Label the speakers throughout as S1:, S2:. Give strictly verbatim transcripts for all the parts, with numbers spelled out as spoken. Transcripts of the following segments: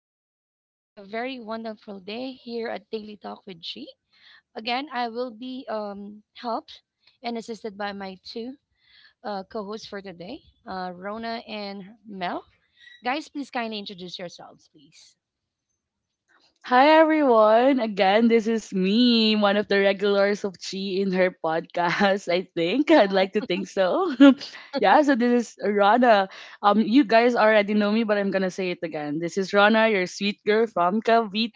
S1: Uh, this is going to be a very wonderful day here at Daily Talk with G. Again, I will be um, helped and assisted by my two uh, co hosts for today, uh, Rona and Mel. Guys, please kindly introduce yourselves, please.
S2: Hi everyone. Again, this is me, one of the regulars of Chi in her podcast. I think I'd
S1: Yeah.
S2: like to think so. Yeah, so this is Rana. Um you guys already know me, but I'm going to say it again. This is Rana, your sweet girl from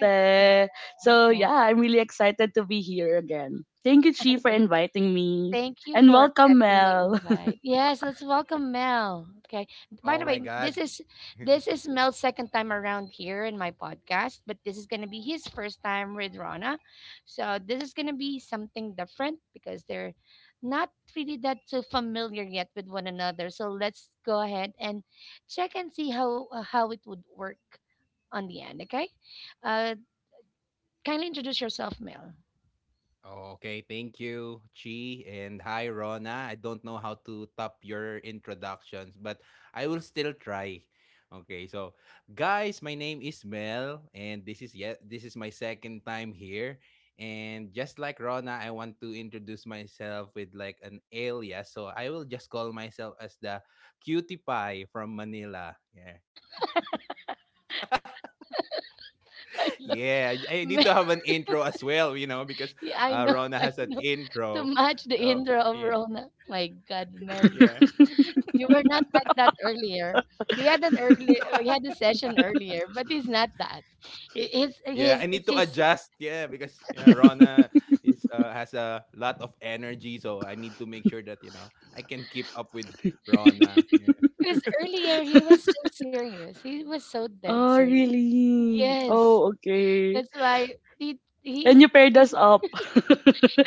S1: I've written it.
S2: So,
S1: Nice.
S2: yeah, I'm really excited to be here again. Thank you Chi for inviting me.
S1: Thank you
S2: And
S1: for
S2: welcome
S1: accepting my
S2: Mel.
S1: invite. Yes, let's welcome Mel. Okay. By the
S3: Oh
S1: way,
S3: my
S1: this
S3: God.
S1: is this is Mel's second time around here in my podcast, but this is gonna be his first time with Rana. So this is gonna be something different because they're not really that so familiar yet with one another. So let's go ahead and check and see how uh, how it would work on the end. Okay. Uh, Kindly introduce yourself, Mel.
S3: Okay, thank you, Chi, and hi, Rona. I don't know how to top your introductions, but I will still try. Okay, so guys, my name is Mel, and this is yet this is my second time here. And just like Rona, I want to introduce myself with like an alias. So I will just call myself as the cutie pie from Manila. Yeah.
S1: I
S3: Yeah, I need
S1: love
S3: to have an intro as well, you know, because
S1: yeah, I
S3: uh,
S1: know,
S3: Rona
S1: I
S3: has an
S1: know. To
S3: intro.
S1: match the
S3: So
S1: intro of
S3: yeah,
S1: Rona. My God, Mel,
S3: yeah,
S1: you were not like that earlier. We had an early, we had a session earlier, but he's not that. He- He's
S3: yeah. I
S1: he's
S3: need to
S1: he's
S3: adjust. Yeah, because yeah, Rona is uh, has a lot of energy, so I need to make sure that you know I can keep up with Rona. Yeah,
S1: because earlier he was so serious. He was so dead
S2: Oh,
S1: serious.
S2: really?
S1: Yes,
S2: Oh, okay.
S1: that's why he he
S2: And you
S1: he
S2: paired us up.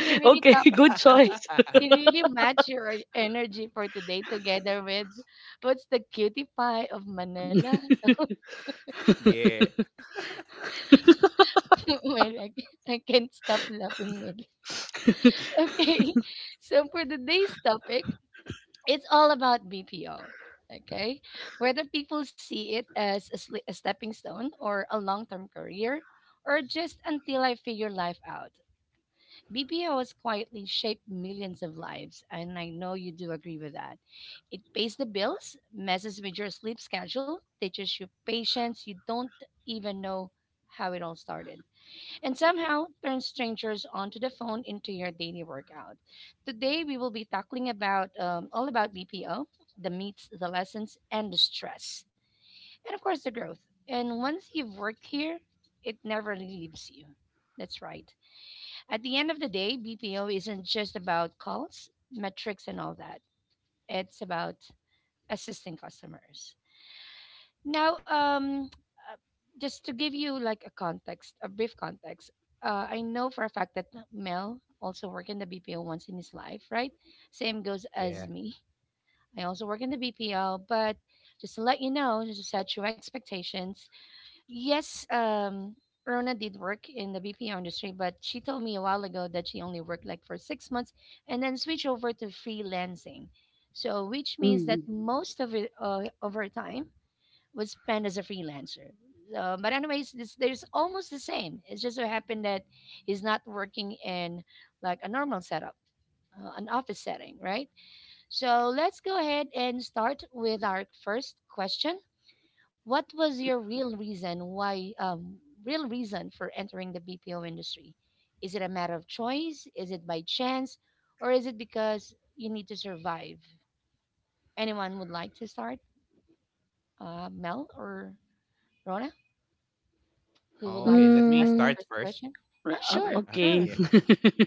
S1: he really
S2: Okay,
S1: top
S2: good
S1: he,
S2: choice.
S1: he really matched your e-, energy for today together with what's the cutie pie of Manila.
S3: yeah,
S1: Well, I, I can't stop laughing, Mel. Okay, so for today's topic, it's all about B P O. Okay, whether people see it as a, sli- a stepping stone or a long term career, or just until I figure life out, B P O has quietly shaped millions of lives, and I know you do agree with that. It pays the bills, messes with your sleep schedule, teaches you patience you don't even know how it all started and somehow turn strangers onto the phone into your daily workout. Today we will be tackling about um, all about B P O, the meets, the lessons, and the stress, and of course the growth. And once you've worked here, it never leaves you. That's right. At the end of the day, B P O isn't just about calls, metrics, and all that. It's about assisting customers. Now, um, uh, just to give you like a context, a brief context, uh, I know for a fact that Mel also worked in the B P O once in his life, right? Same goes
S3: yeah.
S1: as me. I also work in the B P O, but just to let you know, just to set your expectations. Yes, um, Rona did work in the B P O industry, but she told me a while ago that she only worked like for six months and then switched over to freelancing. So, which means that
S2: Mm.
S1: most of it, uh, of her time would spend as a freelancer. Uh, but anyways, this there's almost the same. It's just so happened that he's not working in like a normal setup, uh, an office setting, right? So let's go ahead and start with our first question. What was your real reason why um, Real reason for entering the B P O industry? Is it a matter of choice? Is it by chance, or is it because you need to survive? Anyone would like to start, uh, Mel or Rona? Who would
S3: Okay,
S1: like
S3: let
S1: to
S3: me
S1: start the
S3: start
S2: Mm.
S1: first
S3: first.
S1: question? Oh,
S2: Ra- um,
S1: sure,
S3: Yeah.
S2: Okay.
S1: sure.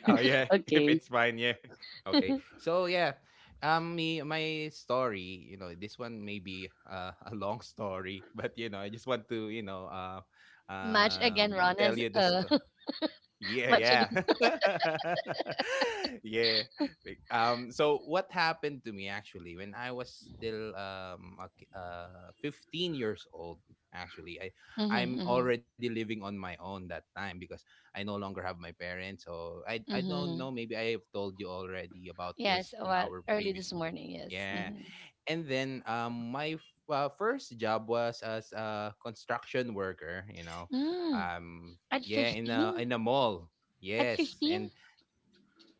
S3: Oh yeah, if it's
S2: Okay.
S3: fine, yeah. Okay. So yeah, um, me my story, you know, this one may be uh, a long story, but you know, I just want to, you know, uh,
S1: Much again,
S3: um,
S1: Ron
S3: tell
S1: is
S3: you this.
S1: uh
S3: Yeah,
S1: much
S3: yeah.
S1: again.
S3: yeah. Like, Um so what happened to me actually when I was still um a ki- uh fifteen years old actually. I I'm
S1: Mm-hmm,
S3: already living on my own that time because I no longer have my parents. So I I don't
S1: mm-hmm,
S3: know, maybe I have told you already about
S1: yes,
S3: this in
S1: well,
S3: our
S1: early this
S3: previous.
S1: morning. Yes.
S3: Yeah.
S1: Mm-hmm.
S3: And then um my f- uh, first job was as a construction worker, you know.
S1: Mm,
S3: Um
S1: at
S3: yeah, in a
S1: fifteen?
S3: in a mall.
S1: At
S3: Yes.
S1: fifteen?
S3: And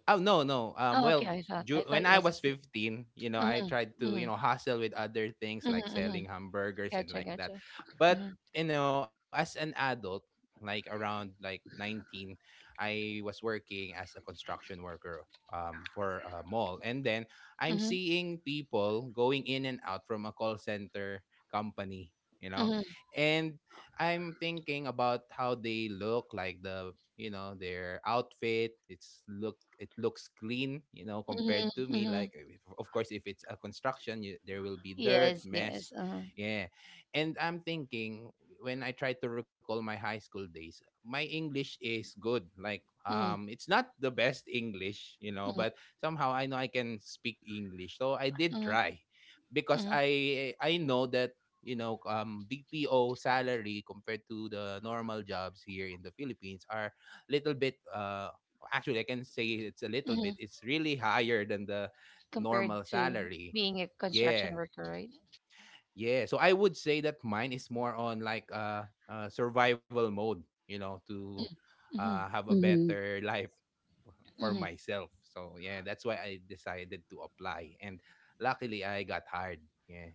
S3: Oh no, no. Um,
S1: Oh, okay.
S3: well,
S1: I thought I
S3: ju-
S1: thought
S3: when
S1: it
S3: I
S1: was
S3: was
S1: fifteen.
S3: fifteen, you know, I
S1: Mm-hmm,
S3: tried to
S1: mm-hmm,
S3: you know hustle with other things like
S1: mm-hmm, mm-hmm.
S3: selling hamburgers and
S1: Gotcha,
S3: like that.
S1: gotcha.
S3: But
S1: Mm-hmm,
S3: you know, as an adult, like around like nineteen, I was working as a construction worker um for a mall, and then I'm
S1: mm-hmm,
S3: seeing people going in and out from a call center company. You know,
S1: mm-hmm,
S3: and I'm thinking about how they look, like the you know their outfit. It's look it looks clean, you know,
S1: mm-hmm,
S3: compared to me.
S1: mm-hmm.
S3: Like if, of course, if it's a construction, you, there will be dirt,
S1: Yes, yes.
S3: mess,
S1: Uh-huh.
S3: yeah. And I'm thinking, when I try to recall my high school days, my English is good. Like
S1: Mm-hmm,
S3: um, it's not the best English, you know,
S1: mm-hmm,
S3: but somehow I know I can speak English. So I did try,
S1: mm-hmm,
S3: because
S1: mm-hmm,
S3: I I know that you know, um, B P O salary compared to the normal jobs here in the Philippines are little bit, uh, actually, I can say it's a little bit,
S1: mm-hmm.
S3: it's really higher than the
S1: Compared
S3: normal
S1: to
S3: salary.
S1: being a construction
S3: Yeah.
S1: worker, right?
S3: Yeah. So I would say that mine is more on like uh, uh survival mode, you know, to uh,
S1: Mm-hmm,
S3: have a
S2: Mm-hmm.
S3: better life for
S1: hmm.
S3: myself. So yeah, that's why I decided to apply, and luckily I got hired. Yeah,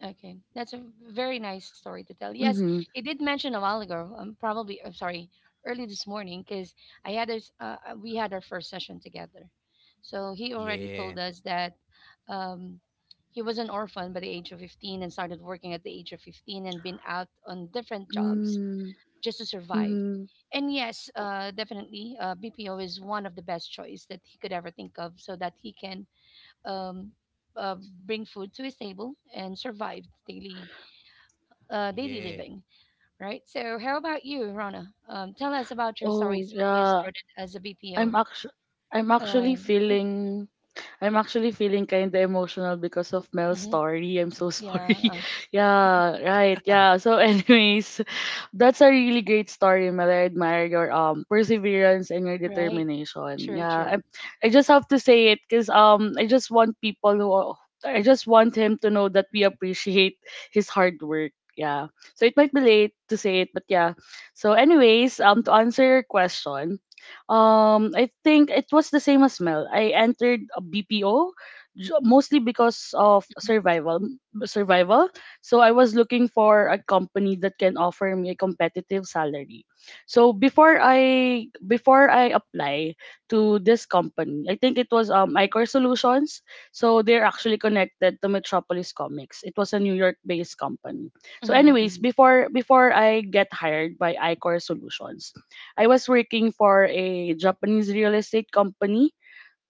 S1: Okay, that's a very nice story to tell. Yes,
S2: Mm-hmm.
S1: you did mention a while ago. Um, probably I'm sorry, early this morning because I had this. Uh, uh, we had our first session together, so he already
S3: yeah,
S1: told us that um, he was an orphan by the age of fifteen and started working at the age of fifteen and been out on different jobs just to survive.
S2: Mm-hmm.
S1: And yes, uh, definitely, uh, B P O is one of the best choice that he could ever think of, so that he can um, uh, bring food to his table and survive daily uh, daily
S3: yeah.
S1: living, right? So, how about you, Rana? Um, tell us about your
S2: Oh,
S1: stories when you
S2: yeah.
S1: started as a
S2: I'm
S1: B P O.
S2: actually I'm actually
S1: Um, mhm,
S2: feeling I'm actually feeling kind of emotional because of Mel's
S1: mhm,
S2: story. I'm so
S1: yeah,
S2: sorry.
S1: uh,
S2: Yeah, right. Yeah. So, anyways, that's a really great story, Mel. I admire your um perseverance and your
S1: right.
S2: determination.
S1: True,
S2: Yeah. I,
S1: true.
S2: I just have to say it because um I just want people who are- I just want him to know that we appreciate his hard work. Yeah. So it might be late to say it, but yeah. So anyways, um to answer your question, um I think it was the same as Mel. I entered a BPO mostly because of survival survival So I was looking for a company that can offer me a competitive salary. So before i before i apply to this company, I think it was um iCor Solutions. So they're actually connected to Metropolis Comics. It was a New York based company. So
S1: Mhm,
S2: anyways,
S1: mhm,
S2: before before I get hired by iCor Solutions, I was working for a Japanese real estate company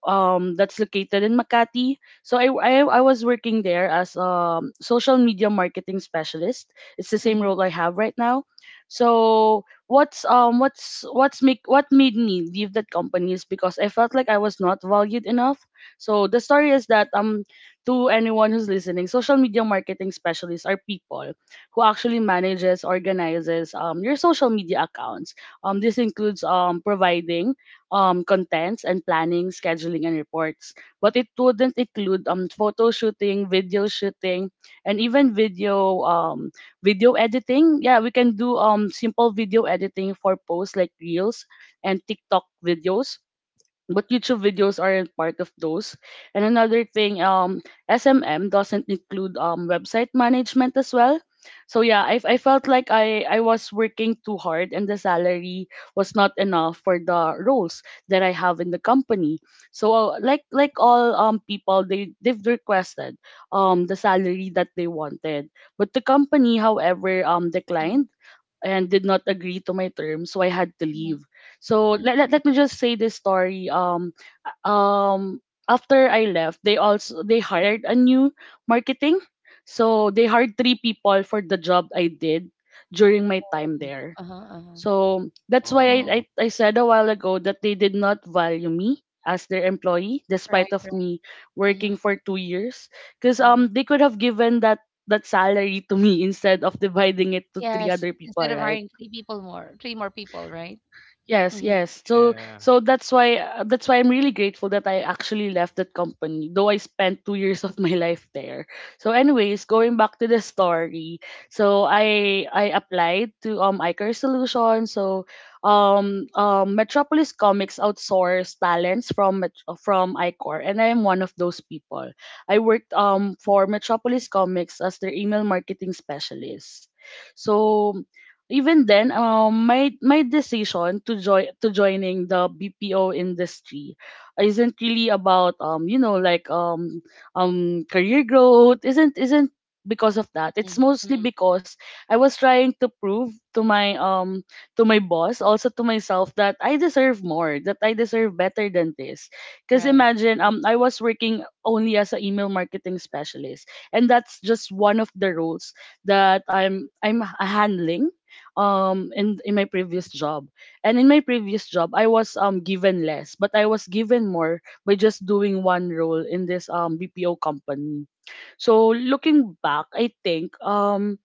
S2: um that's located in Makati. So I, I I was working there as um social media marketing specialist. It's the same
S1: mhm,
S2: role I have right now. So what's um what's what's make what made me leave that company is because I felt like I was not valued enough. So the story is that um to anyone who's listening, social media marketing specialists are people who actually manages organizes um your social media accounts. Um this includes um providing um, contents and planning, scheduling, and reports. But it wouldn't include um, photo shooting, video shooting, and even video um, video editing. Yeah, we can do um, simple video editing for posts like reels and TikTok videos, but YouTube videos aren't part of those. And another thing, um, S M M doesn't include um website management as well. So yeah, I I felt like I I was working too hard and the salary was not enough for the roles that I have in the company. So uh, like like all um people, they they've requested um the salary that they wanted, but the company, however, um
S1: mhm,
S2: declined and did not agree to my terms, so I had to
S1: mhm,
S2: leave. So
S1: mhm,
S2: let, let, let me just say this story. Um, um, After I left, they also they hired a new marketing. So they hired three people for the job I did during my time
S1: mhm.
S2: there.
S1: Uh-huh, uh-huh.
S2: So that's why I,
S1: Mhm,
S2: I,
S3: Oh,
S2: I said a while ago that they did not value me as their employee despite
S1: right,
S2: of
S1: right.
S2: me working
S1: Mhm,
S2: for two years, because um
S1: right.
S2: they could have given that that salary to me instead of dividing it to three
S1: Yes,
S2: other people
S1: instead of
S2: right?
S1: hiring three people more, three more people, right?
S2: Yes,
S1: Mm-hmm,
S2: yes. So
S3: yeah,
S2: so that's why uh, that's why I'm really grateful that I actually left that company, though I spent two years of my life there. So, anyways, going back to the story, so I I applied to um iCare Solutions. So, um um Metropolis Comics outsource talents from Met- from iCore, and I am one of those people. I worked um for Metropolis Comics as their email marketing specialist. So even then, um, my my decision to join to joining the B P O industry isn't really about um, you know, like um, um, career growth. Isn't isn't because of that. It's
S1: mm-hmm,
S2: mostly
S1: mm-hmm,
S2: because I was trying to prove to my um to my boss, also to myself, that I deserve more, that I deserve better than this. Because
S1: right.
S2: imagine um I was working only as an email marketing specialist, and that's just one of the roles that I'm I'm handling um in in my previous job. And in my previous job, I was um given less, but I was given more by just doing one role in this um B P O company. So looking back, I think um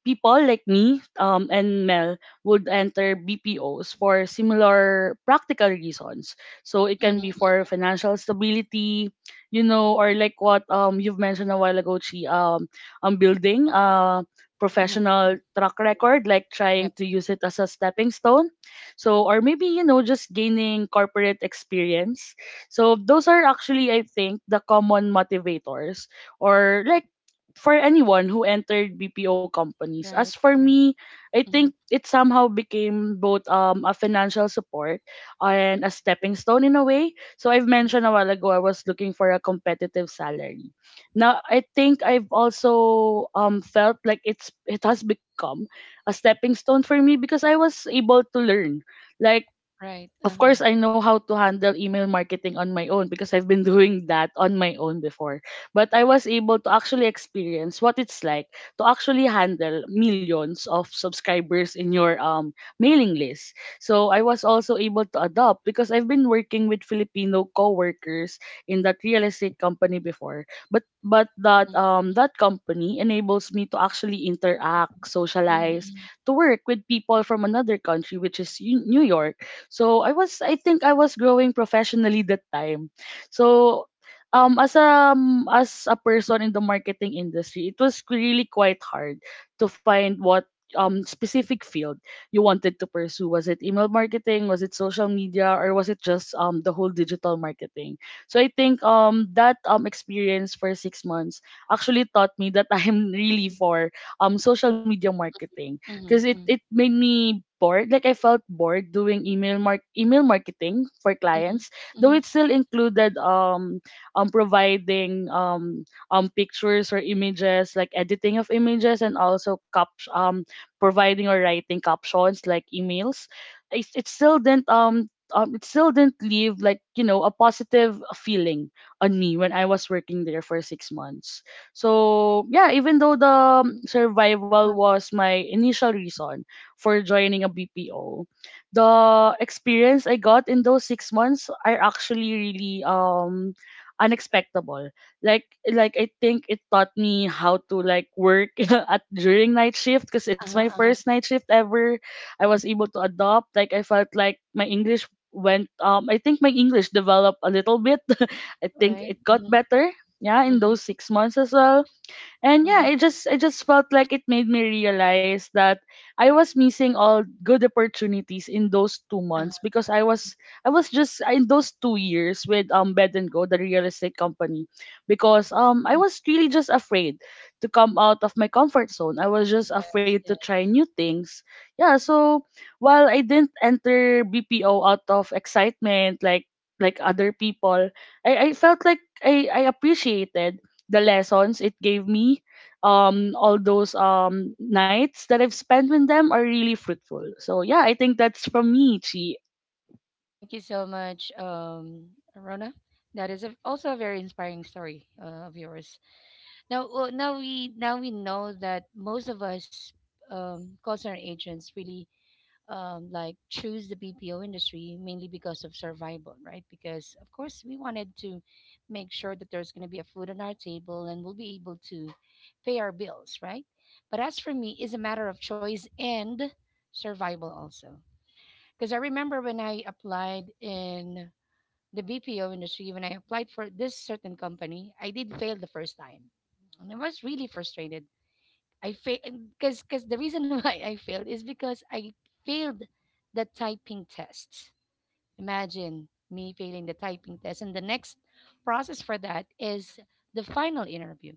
S2: people like me um, and Mel would enter B P Os for similar practical reasons. So it can be
S1: Mm-hmm,
S2: for financial stability, you know, or like what um you've mentioned a while ago, Chi, um, um building a
S1: mm-hmm. Mm-hmm.
S2: professional track
S1: Yes.
S2: record, like
S1: Yep.
S2: trying to use it as a stepping stone. So or maybe you know just gaining corporate experience. So those are actually I think the common motivators or like for anyone who entered B P O companies. As
S1: Right,
S2: for
S1: right.
S2: me, I think
S1: Mhm,
S2: it somehow became both um, a financial support and a stepping stone in a way. So I've
S1: mhm.
S2: mentioned a while ago I was looking for a competitive salary. Now I think I've also um, felt like it's it has become a stepping stone for me because I was able to learn. Like
S1: Right,
S2: of
S1: uh-huh.
S2: course I know how to handle email marketing on my own because I've been doing that on my own before. But I was able to actually experience what it's like to actually handle millions of subscribers in your um mailing list. So I was also able to adopt because I've been working with Filipino coworkers in that real estate company before. But but that
S1: Mhm,
S2: um that company enables me to actually interact,
S1: mhm,
S2: socialize,
S1: mhm,
S2: to work with people from another country, which is U- New York. So I was I think I was growing professionally that time. So um as a um, as a person in the marketing industry, it was really quite hard to find what um specific field you wanted to pursue. Was it email marketing, was it social media, or was it just um the whole digital marketing? So I think um that um experience for six months actually taught me that I am really for um social media marketing because
S1: mhm,
S2: it
S1: mhm,
S2: it made me bored. Like I felt bored doing email mark email marketing for
S1: mhm,
S2: clients,
S1: mhm.
S2: though it still included um um providing um um pictures or images, like editing of images and also cap um providing or writing captions like emails. It, it still didn't um um, it still didn't leave like you know a positive feeling on me when I was working there for six months. So yeah, even though the um, survival
S1: Uh-huh,
S2: was my initial reason for joining a B P O. The experience I got in those six months are actually really um unexpected. Like like I think it taught me how to like work at during night shift because it's
S1: uh-huh,
S2: my
S1: uh-huh.
S2: first night shift ever. I was able to adopt. Like I felt like my English went um I think my English developed a little bit. I think
S1: Right.
S2: it got
S1: Mhm,
S2: better. Yeah, in
S1: mhm,
S2: those six months as well, and yeah
S1: mhm,
S2: it just it just felt like it made me realize that I was missing all good opportunities in those two
S1: uh-huh,
S2: months because i was i was just in those two years with um bed and go the real estate company because um I was
S1: mhm.
S2: really just afraid to come out of my comfort zone. I was just
S1: Yes,
S2: afraid to
S1: yes.
S2: try new things, yeah. So while I didn't enter BPO out of excitement like like other people, I, I felt like I, I appreciated the lessons it gave me. Um, all those um nights that I've spent with them are really fruitful. So yeah, I think that's from me, Chi.
S1: Thank you so much, um, Rona. That is a, also a very inspiring story uh, of yours. Now, well, now we now we know that most of us um, call center agents really um, like choose the B P O industry mainly because of survival, right? Because of course we wanted to make sure that there's going to be a food on our table and we'll be able to pay our bills, right? But as for me, it's a matter of choice and survival also. Because I remember when I applied in the B P O industry, when I applied for this certain company, I did fail the first time, and I was really frustrated. I failed because because the reason why I failed is because I failed the typing test. Imagine me failing the typing test, and the next process for that is the final interview.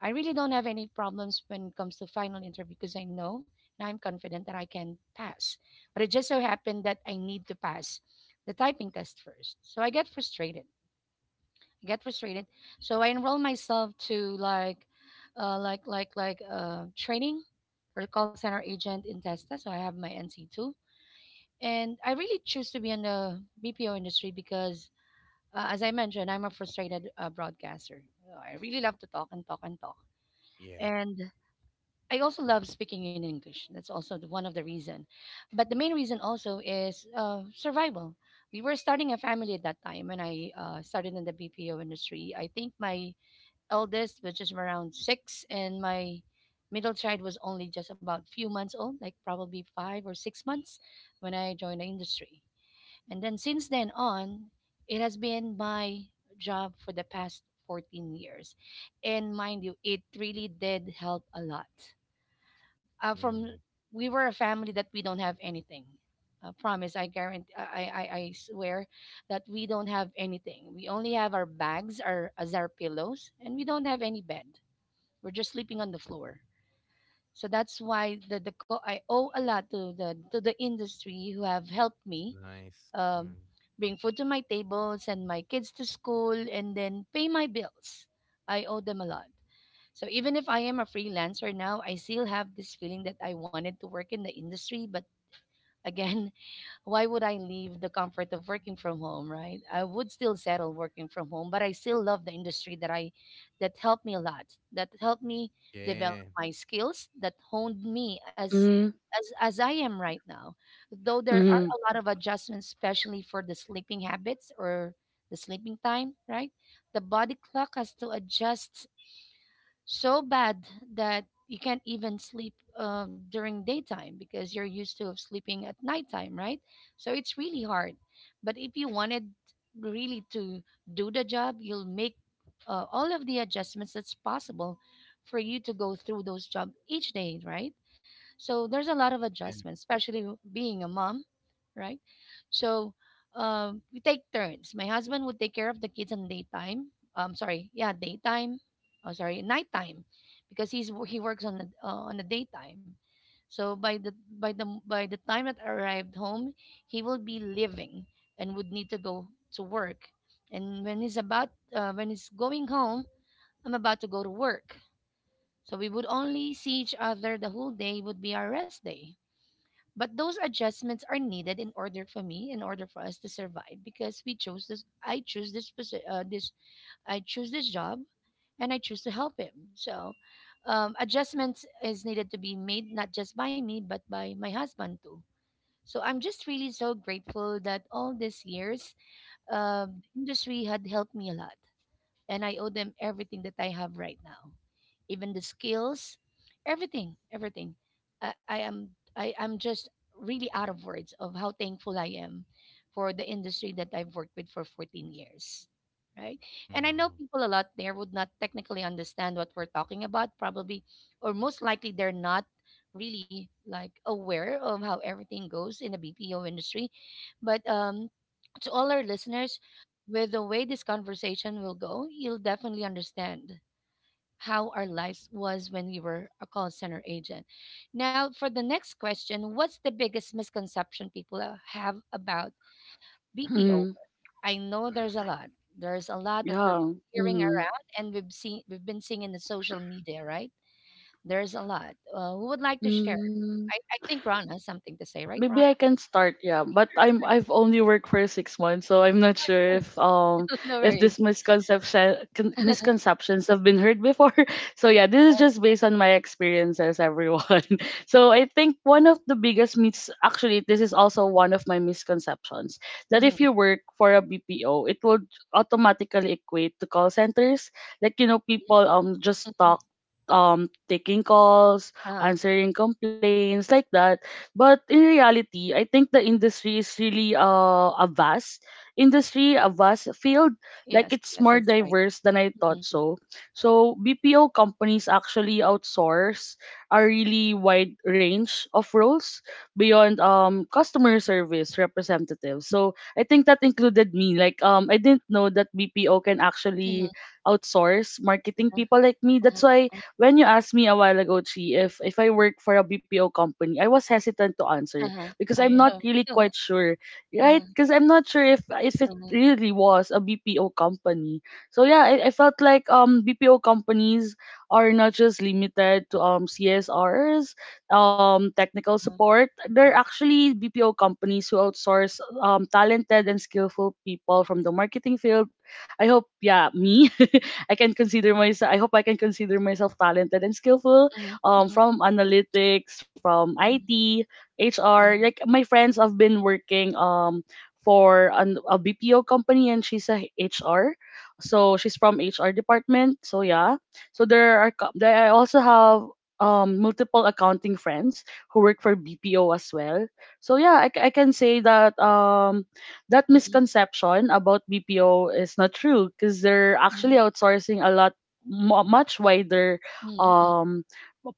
S1: I really don't have any problems when it comes to final interview because I know and I'm confident that I can pass. But it just so happened that I need to pass the typing test first. So I get frustrated. I get frustrated. So I enroll myself to like uh, like like like uh, training or call center agent in Testa. So I have my N C two. And I really choose to be in the B P O industry because, uh, as I mentioned, I'm a frustrated uh, broadcaster. Uh, I really love to talk and talk and talk.
S3: yeah.
S1: And I also love speaking in English. That's also the, one of the reason. But the main reason also is uh, survival. We were starting a family at that time when I uh, started in the B P O industry. I think my eldest was just around six, and my middle child was only just about few months old, like probably five or six months when I joined the industry. And then since then on, it has been my job for the past fourteen years. And mind you, it really did help a lot. Uh, from
S3: Mm,
S1: we were a family that we don't have anything. I promise, I guarantee, I, I, I I swear that we don't have anything. We only have our bags our, as our pillows, and we don't have any bed. We're just sleeping on the floor. So that's why the, the co- I owe a lot to the to the industry who have helped me
S3: nice.
S1: um,
S3: Mm,
S1: bring food to my table, send my kids to school, and then pay my bills. I owe them a lot. So even if I am a freelancer now, I still have this feeling that I wanted to work in the industry, but again, why would I leave the comfort of working from home, right? I would still settle working from home, but I still love the industry that I that helped me a lot, that helped me develop
S3: yeah,
S1: my skills, that honed me as
S2: Mm-hmm.
S1: as as I am right now. Though there are
S2: Mm-hmm.
S1: a lot of adjustments, especially for the sleeping habits or the sleeping time, right? The body clock has to adjust so bad that you can't even sleep uh, during daytime because you're used to sleeping at nighttime, right? So it's really hard. But if you wanted really to do the job, you'll make uh, all of the adjustments that's possible for you to go through those jobs each day, right? So there's a lot of
S3: yeah.
S1: adjustments, especially w- being a mom, right? So um, we take turns. My husband would take care of the kids in daytime. Um, sorry, yeah, daytime. Oh, sorry, nighttime, because he's wo- he works on the uh, on the daytime. So by the by the by the time that I arrived home, he will be leaving and would need to go to work. And when he's about uh, when he's going home, I'm about to go to work. So we would only see each other the whole day would be our rest day, but those adjustments are needed in order for me, in order for us to survive, because we chose this. I choose this posi- uh, this I choose this job, and I choose to help him. So, um, adjustments is needed to be made not just by me, but by my husband too. So I'm just really so grateful that all these years, uh, industry had helped me a lot and I owe them everything that I have right now, even the skills, everything, everything. I, I am I, I'm just really out of words of how thankful I am for the industry that I've worked with for fourteen years. Right. And I know
S3: Mm,
S1: people a lot there would not technically understand what we're talking about, probably, or most likely they're not really like aware of how everything goes in the B P O industry. But um, To all our listeners, with the way this conversation will go, you'll definitely understand how our lives was when we were a call center agent. Now, for the next question, what's the biggest misconception people uh, have about B P O?
S2: Mm-hmm.
S1: I know there's a lot. There's a lot that we're
S2: Yeah.
S1: hearing
S2: Mm-hmm.
S1: around, and we've seen we've been seeing in the social media, right? There's a lot. Uh, who would like to share?
S2: Mm-hmm.
S1: I, I think Rana has something to say, right,
S2: Maybe
S1: Rana?
S2: I can start, yeah. But I'm I've only worked for six months, so I'm not sure
S1: Sure.
S2: if um
S1: No
S2: if
S1: worries.
S2: this misconception con- misconceptions have been heard before. So yeah, this is
S1: Yes.
S2: just based on my experiences, everyone. So I think one of the biggest myths, actually, this is also one of my misconceptions that if
S1: Mhm,
S2: you work for a B P O, it would automatically equate to call centers. Like you know,
S1: mhm,
S2: people um just
S1: mhm.
S2: talk um taking calls,
S1: Uh-huh.
S2: answering complaints like that, but in reality, I think the industry is really uh, a vast industry, a vast field. Like
S1: Yes,
S2: it's more
S1: yes, that's right.
S2: diverse than I thought
S1: Mhm,
S2: so. So B P O companies actually outsource a really wide range of roles beyond um customer service representatives. So I think that included me. Like um I didn't know that B P O can actually
S1: mhm,
S2: outsource marketing
S1: uh-huh,
S2: people like me. That's
S1: uh-huh,
S2: why
S1: uh,
S2: when you asked me a while ago, Chi, if if I work for a B P O company, I was hesitant to answer
S1: uh-huh,
S2: because I'm
S1: I
S2: not
S1: uh-huh,
S2: really
S1: uh-huh,
S2: quite sure, right?
S1: uh-huh,
S2: Because I'm not sure if if it
S1: uh-huh,
S2: really was a B P O company. So yeah, I, I felt like um B P O companies are not just limited to um C S Rs, um technical
S1: uh-huh,
S2: support. They're actually B P O companies who outsource um talented and skillful people from the marketing field. I hope yeah, me I can consider myself. I hope I can consider myself talented and skillful.
S1: mhm,
S2: Um,
S1: mhm,
S2: from analytics, from
S1: mhm,
S2: I T, H R.
S1: mhm,
S2: Like my friends have been working um for an, a B P O company, and she's a H R. So she's from H R department. So yeah. So there are. co- there- I also have um multiple accounting friends who work for B P O as well. So yeah, I, c- I can say that um that
S1: mhm,
S2: misconception about B P O is not true because they're actually
S1: mhm,
S2: outsourcing a lot mu much wider
S1: mhm, mhm,
S2: um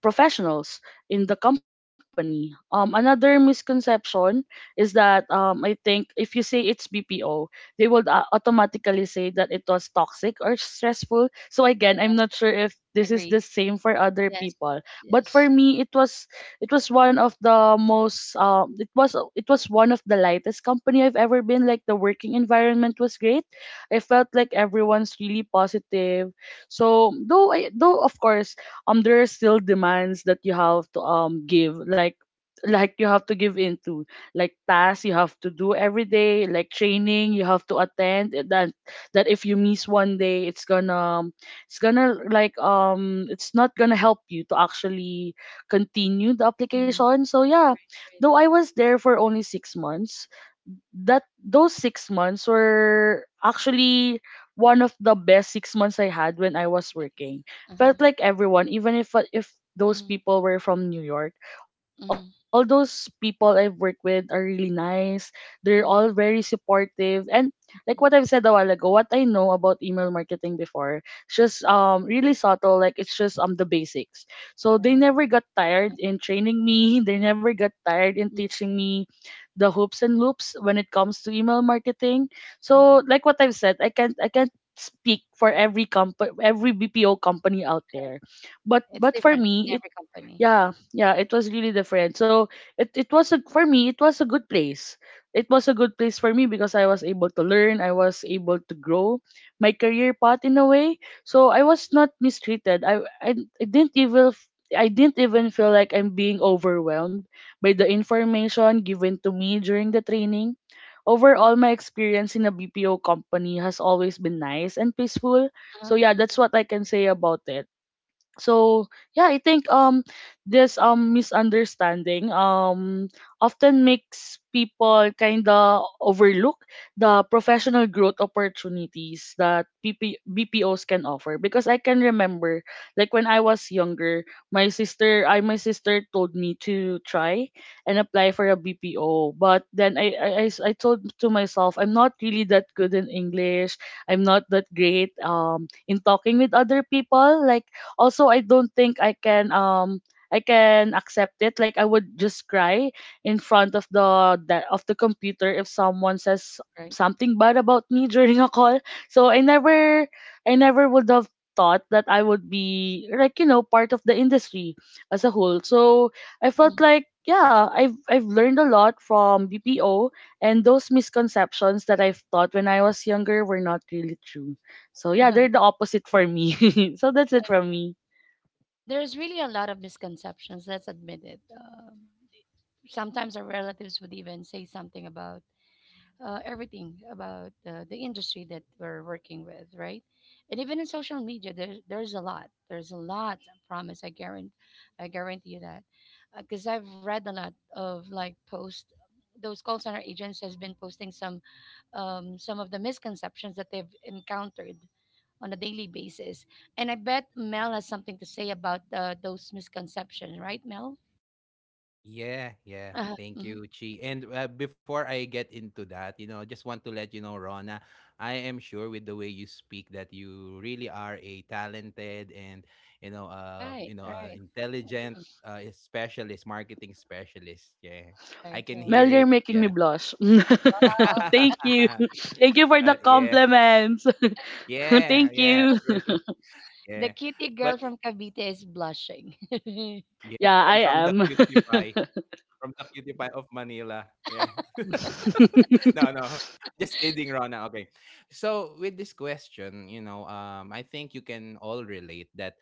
S2: professionals in the company. Um another misconception is that um I think if you say it's B P O, they would uh, automatically say that it was toxic or stressful. So again, I'm
S1: correct,
S2: not sure if this is the
S1: agreed,
S2: same for other
S1: yes,
S2: people, but for
S1: yes,
S2: me it was it was one of the most um it was it was one of the lightest company I've ever been. Like the working environment was great. I felt like everyone's really positive. So though I though of course um there are still demands that you have to um give like like you have to give into like tasks you have to do every day like training you have to attend eh, that that if you miss one day it's gonna it's gonna like um it's not gonna help you to actually
S1: mhm,
S2: continue the
S1: mhm,
S2: application. So yeah,
S1: right, right,
S2: though I was there for only six months, that those six months were actually one of the best six months I had when I was
S1: nice,
S2: working.
S1: uh-huh,
S2: Felt like everyone, even if if those
S1: mhm,
S2: people were from New York, all those
S1: mhm,
S2: people I've worked with are really nice. They're all very
S1: mhm,
S2: supportive and like what I've
S1: mhm,
S2: said a while ago, what I know about email marketing before, it's just um really subtle, like it's just um the basics. So they
S1: right,
S2: never got tired
S1: uh-huh,
S2: in training me, they never got tired in
S1: mm,
S2: teaching me the hoops and loops when it comes to email marketing. So
S1: uh-huh,
S2: like what I've said, I can't I can't speak for every comp every B P O company out there. But
S1: it's
S2: but for
S1: different in
S2: me, it
S1: every company,
S2: yeah yeah it was really different so it, it was a for me it was a good place, it was a good place for me because I was able to learn, I was able to grow my career path in a way, so I was not mistreated. i i, I didn't even f- I didn't even feel like I'm being overwhelmed by the information given to me during the training. Overall, my experience in a B P O company has always been nice and peaceful.
S1: uh-huh,
S2: So yeah,
S1: mm,
S2: that's what I can say about it. So yeah, I think um this um misunderstanding um often makes people kind of overlook the professional growth opportunities that BP- BPOs can offer, because I can remember like when I was younger, my sister I my sister told me to try and apply for a B P O, but then i i, I s- I told to myself, I'm not really that good in English, I'm not that great um in talking with other people. Like also, I don't think i can um I can accept it, like I would just cry in front of the that of the computer if someone says
S1: right.
S2: something bad about me during a call. So I never, I never would have thought that I would be like, you know, part of the industry as a whole. So I felt
S1: Mm.
S2: like yeah, i've I've learned a lot from BPO, and those misconceptions that I've thought when I was younger were not really true. So yeah, they're
S1: And
S2: the opposite for me. So that's it from me.
S1: there's really a lot of misconceptions, let's admit it. Um, sometimes our relatives would even say something about uh, everything about uh, the industry that we're working with, right? And even in social media, there, there's a lot. There's a lot. I promise. I guarantee. I guarantee you that, because I've read a lot of like posts. Those call center agents has been posting some um, some of the misconceptions that they've encountered on a daily basis. And I bet Mel has something to say about uh, those misconceptions, right, Mel?
S3: yeah, yeah.
S1: Uh,
S3: Thank
S1: mhm.
S3: you, Chi. And uh, before I get into that, you know, just want to let you know, Rona, I am sure with the way you speak that you really are a talented and you know, uh, you
S1: Right,
S3: know, uh,
S1: right,
S3: intelligent
S1: mhm.
S3: uh, specialist, marketing specialist. Yeah, I
S1: Right,
S3: can
S2: Mel,
S1: right.
S3: hear
S2: you're
S3: it.
S2: making me
S3: Yeah.
S2: blush. Thank you.
S3: uh,
S2: Thank you for the
S3: yeah,
S2: compliments.
S3: yeah,
S2: Thank
S3: yeah.
S2: you.
S3: Sure, sure.
S1: The
S3: Yeah.
S1: cutie
S3: But,
S1: girl from Cavite is blushing.
S3: yeah,
S2: Yeah, I
S3: from from the
S2: am.
S3: cutie pie, from the cutie pie, of Manila. Yeah. No, no. Just kidding, Rona. Okay. So with this question, you know, um, I think you can all relate that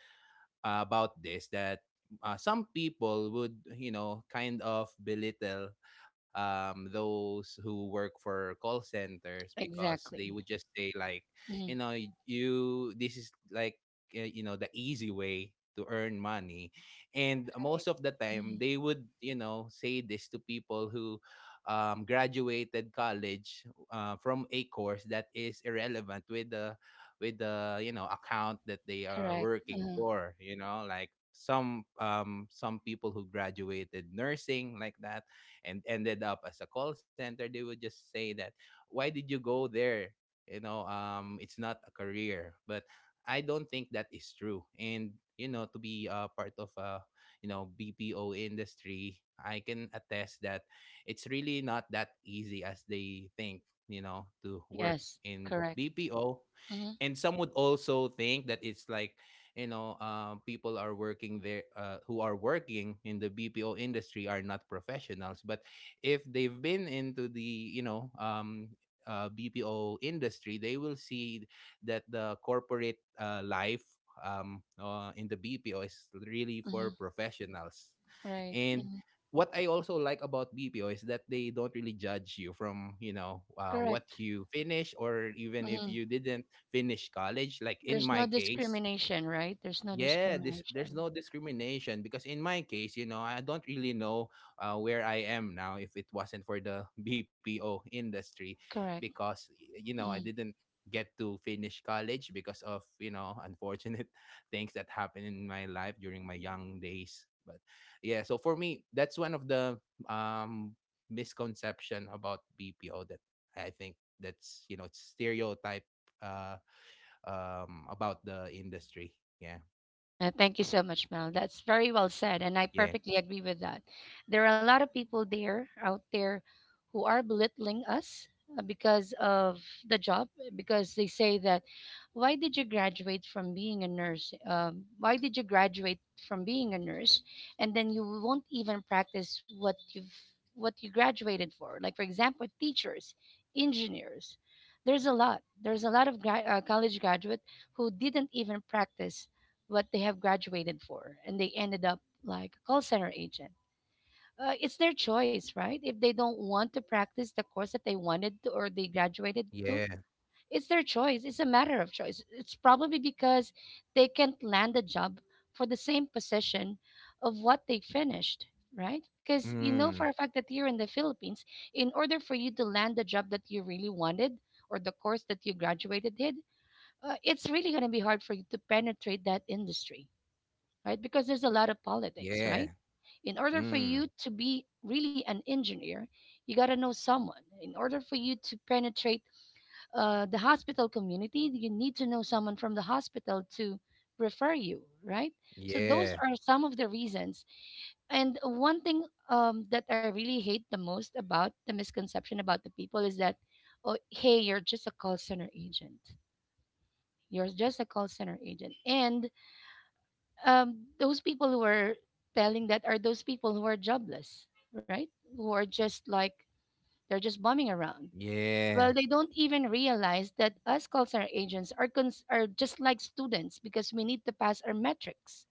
S3: uh, about this that uh, some people would you know kind of belittle um, those who work for call centers, because they
S1: Exactly.
S3: would just say like you
S1: Mm.
S3: know y- you, this is like uh, you know the easy way to earn money, and
S1: Right.
S3: most of the time
S1: Mm.
S3: they would you know say this to people who um, graduated college uh, from a course that is irrelevant with the with the you know account that they are
S1: Correct.
S3: working
S1: Mhm.
S3: for, you know, like some um some people who graduated nursing like that and ended up as a call center. They would just say that, why did you go there, you know, um it's not a career. But I don't think that is true, and you know, to be a part of a you know BPO industry, I can attest that it's really not that easy as they think, you know to work
S1: Yes,
S3: in
S1: correct.
S3: BPO.
S1: Hmm.
S3: And some would also think that it's like you know um, people are working there uh, who are working in the BPO industry are not professionals, but if they've been into the you know um, uh, BPO industry, they will see that the corporate uh, life, um, uh, in the BPO is really for
S1: Hmm.
S3: professionals.
S1: Right.
S3: And
S1: Hmm.
S3: what I also like about B P O is that they don't really judge you from you know uh, what
S1: Correct.
S3: you finish, or even if
S1: Hmm.
S3: you didn't finish college. Like in
S1: There's
S3: my
S1: no
S3: case,
S1: discrimination, right? There's no
S3: yeah, this there's
S1: discrimination.
S3: no discrimination, because in my case, you know, I don't really know uh, where I am now if it wasn't for the B P O industry,
S1: Correct.
S3: because y- you know I
S1: Mhm.
S3: didn't get to finish college because of you know unfortunate things that happened in my life during my young days. But yeah, so for me, that's one of the um misconception about B P O that I think, that's you know it's stereotype, uh um, about the industry. Yeah.
S1: Uh, thank you so much, Mel. That's very well said, and I
S3: Yeah.
S1: perfectly agree with that. There are a lot of people there out there who are belittling us uh, because of the job, because they say that, why did you graduate from being a nurse? Um, why did you graduate from being a nurse, and then you won't even practice what you've what you graduated for? Like for example, teachers, engineers. There's a lot. There's a lot of gra- uh, college graduate who didn't even practice what they have graduated for and they ended up like a call center agent. Uh, it's their choice, right? If they don't want to practice the course that they wanted to or they graduated to,
S3: Yeah.
S1: it's their choice. It's a matter of choice. It's probably because they can't land a job for the same position of what they finished, right? Because you know for
S3: Mm.
S1: a fact that here in the Philippines, in order for you to land the job that you really wanted or the course that you graduated did, uh, it's really going to be hard for you to penetrate that industry right? Because there's a lot of politics,
S3: Yeah.
S1: right? In order for you
S3: Mm.
S1: to be really an engineer, you got to know someone. In order for you to penetrate uh, the hospital community, you need to know someone from the hospital to refer you, right? So those
S3: Yeah.
S1: are some of the reasons. And one thing um, that I really hate the most about the misconception about the people is that, oh, hey, you're just a call center agent. You're just a call center agent. And um, those people who are telling that are those people who are jobless, right? Who are just like they're just bumming around. Well,
S3: Yeah.
S1: they don't even realize that us call center agents are cons- are just like students because we need to pass our metrics.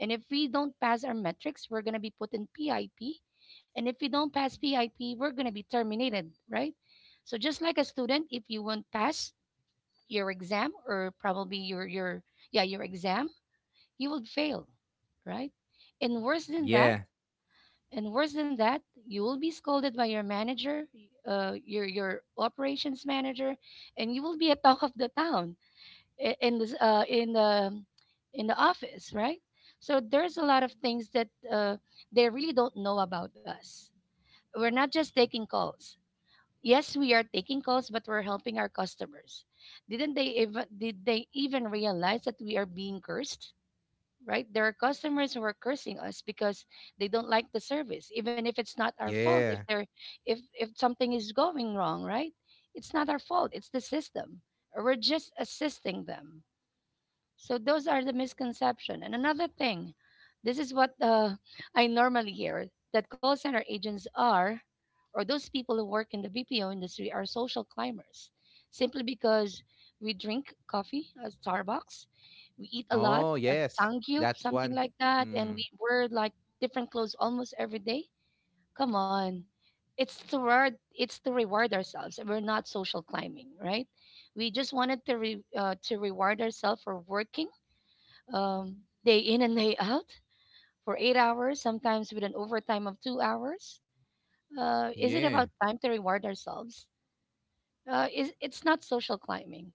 S1: And if we don't pass our metrics, we're gonna be put in PIP. And if we don't pass PIP, we're gonna be terminated, right? So just like a student, if you won't pass your exam or probably your your yeah your exam you will fail, right? And worse than that,
S3: Yeah.
S1: and worse than that, you will be scolded by your manager, uh, your your operations manager, and you will be a talk of the town i- in this uh, in the in the office, right? So there's a lot of things that uh, they really don't know about us. We're not just taking calls. Yes, we are taking calls, but we're helping our customers. Didn't they even Did they even realize that we are being cursed? Right? There are customers who are cursing us because they don't like the service, even if it's not our fault. If
S3: Yeah.
S1: they're if if something is going wrong, right? It's not our fault. It's the system. We're just assisting them. So those are the misconception. And another thing, this is what uh, I normally hear that call center agents are, or those people who work in the B P O industry are social climbers, simply because we drink coffee at Starbucks, we eat a lot
S3: Oh,
S1: at
S3: yes.
S1: Sangyup,
S3: That's
S1: something
S3: one.
S1: like that, and
S3: Mm.
S1: we wear like different clothes almost every day. Come on, it's to reward, it's to reward ourselves. We're not social climbing, right? We just wanted to re, uh, to reward ourselves for working um, day in and day out for eight hours, sometimes with an overtime of two hours? Uh, is it
S3: Yeah.
S1: about time to reward ourselves? Uh, is it's not social climbing.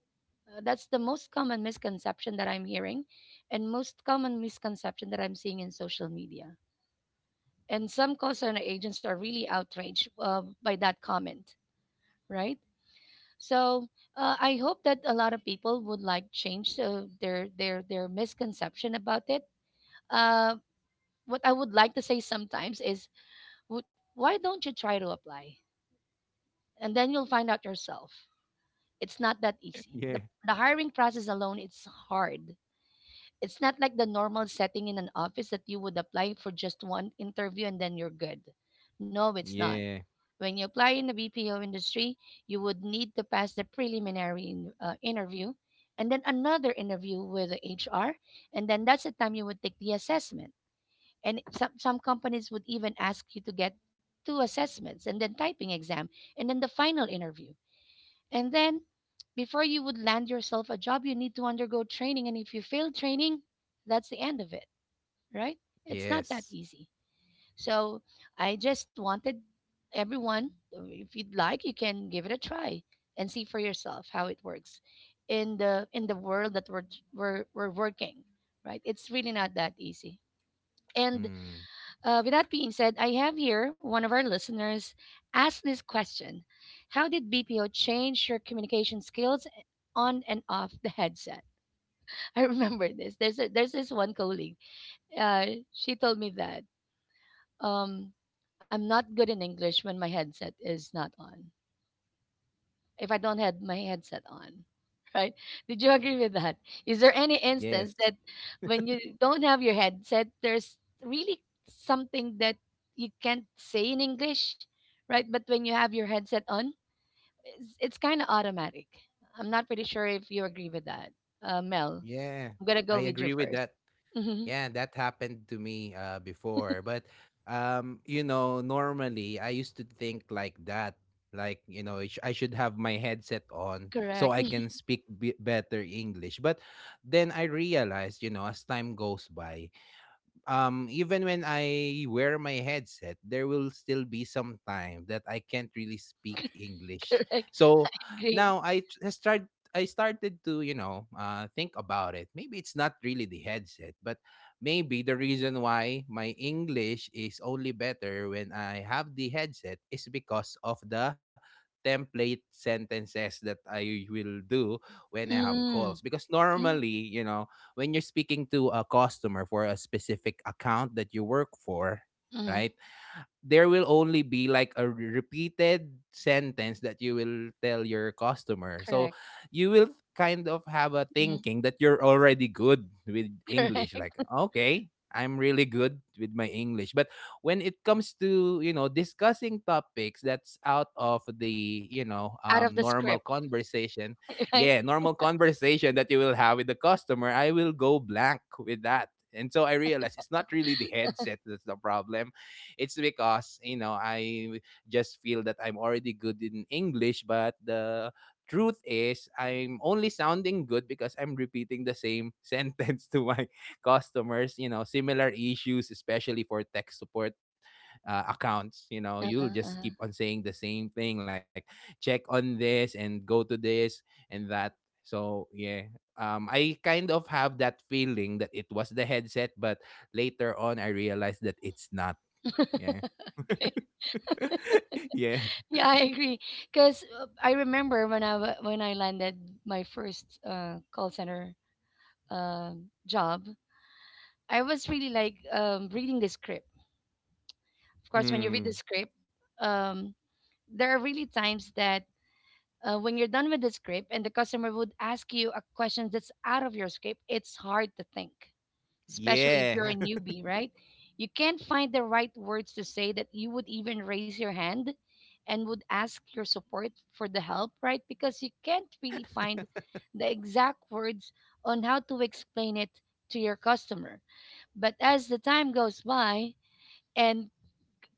S1: Uh, that's the most common misconception that I'm hearing, and most common misconception that I'm seeing in social media. And some call center agents are really outraged uh, by that comment, right? So uh, I hope that a lot of people would like change uh, their their their misconception about it. Uh, what I would like to say sometimes is, "Wh- why don't you try to apply? And then you'll find out yourself. It's not that easy.
S3: Yeah.
S1: The, the hiring process alone, it's hard. It's not like the normal setting in an office that you would apply for just one interview and then you're good. No, it's not.
S3: Yeah.
S1: When you apply in the B P O industry, you would need to pass the preliminary in- uh, interview and then another interview with the H R. And then that's the time you would take the assessment. And some, some companies would even ask you to get two assessments and then typing exam and then the final interview. And then before you would land yourself a job, you need to undergo training. And if you fail training, that's the end of it, right? It's not that
S3: Yes.
S1: easy. So I just wanted everyone, uh, if you'd like, you can give it a try and see for yourself how it works in the in the world that we're we're, we're working, right? It's really not that easy. And
S3: Mm.
S1: uh, with that being said, I have here one of our listeners ask this question. How did B P O change your communication skills eh, on and off the headset? I remember this. There's, a, there's this one colleague. Uh, she told me that um, I'm not good in English when my headset is not on. If I don't have my headset on. Right? Did you agree with that? Is there any instance
S3: Yes.
S1: that when you don't have your headset, there's really something that you can't say in English, right? But when you have your headset on, it's, it's kind of automatic. I'm not pretty sure if you agree with that, uh, Mel.
S3: Yeah.
S1: I'm gonna go
S3: I
S1: with you
S3: agree with
S1: first.
S3: that.
S1: Mm-hmm.
S3: Yeah, that happened to me uh, before. But, um, you know, normally I used to think like that. Like, you know, I sh- I should have my headset on so
S1: Correct.
S3: I can speak b- better English. But then I realized, you know, as time goes by, um even when I wear my headset, there will still be some time that I can't really speak English.
S1: Correct.
S3: So
S1: Agree.
S3: now I tr- I start I started to, you know, uh, think about it. Maybe it's not really the headset, but maybe the reason why my English is only better when I have the headset is because of the template sentences that I will do when I have calls.
S1: Mm,
S3: Because
S1: mm,
S3: normally, you know, when you're speaking to a customer for a specific account that you work for,
S1: mm,
S3: right? There will only be like a repeated sentence that you will tell your customer. So
S1: correct.
S3: you will kind of have a
S1: Mm,
S3: thinking that you're already good with English.
S1: correct.
S3: Like, okay, I'm really good with my English. But when it comes to, you know, discussing topics that's out of the, you know,
S1: Out
S3: um,
S1: of the
S3: normal
S1: script,
S3: conversation, yeah,
S1: right?
S3: normal conversation that you will have with the customer, I will go blank with that. And so I realized it's not really the headset that's the problem. It's because, you know, I just feel that I'm already good in English, but the truth is I'm only sounding good because I'm repeating the same sentence to my customers, you know, similar issues, especially for tech support uh, accounts. You know, you'll
S1: Uh-huh,
S3: just
S1: uh-huh.
S3: keep on saying the same thing, like, check on this and go to this and that. So yeah, um, I kind of have that feeling that it was the headset, but later on I realized that it's not. Yeah. yeah.
S1: Yeah, I agree. Because I remember when I wa- when I landed my first uh, call center um job, I was really like um, reading the script. Of course, when you read the
S3: Mm.
S1: script, um, there are really times that uh, when you're done with the script and the customer would ask you a question that's out of your script, it's hard to think. Especially if you're a
S3: Yeah.
S1: newbie, right? You can't find the right words to say that you would even raise your hand and would ask your support for the help, right? Because you can't really find the exact words on how to explain it to your customer. But as the time goes by, and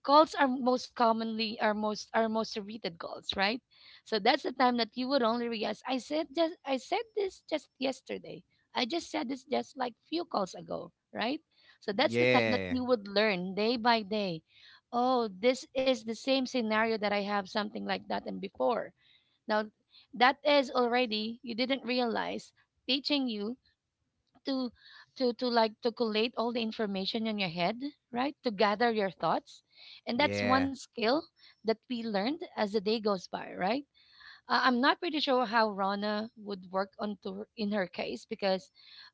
S1: calls are most commonly are most are most repeated calls, right? So that's the time that you would only realize I said just I said this just yesterday. I just said this just like few calls ago, right? So that's the time that
S3: yeah.
S1: you would learn day by day. Oh, this is the same scenario that I have something like that and before. Now, that is already, you didn't realize, teaching you to to to like to collate all the information in your head, right? To gather your thoughts, and that's one
S3: Yeah.
S1: skill that we learned as the day goes by, right? uh, I'm not pretty sure how Rana would work on to her- in her case, because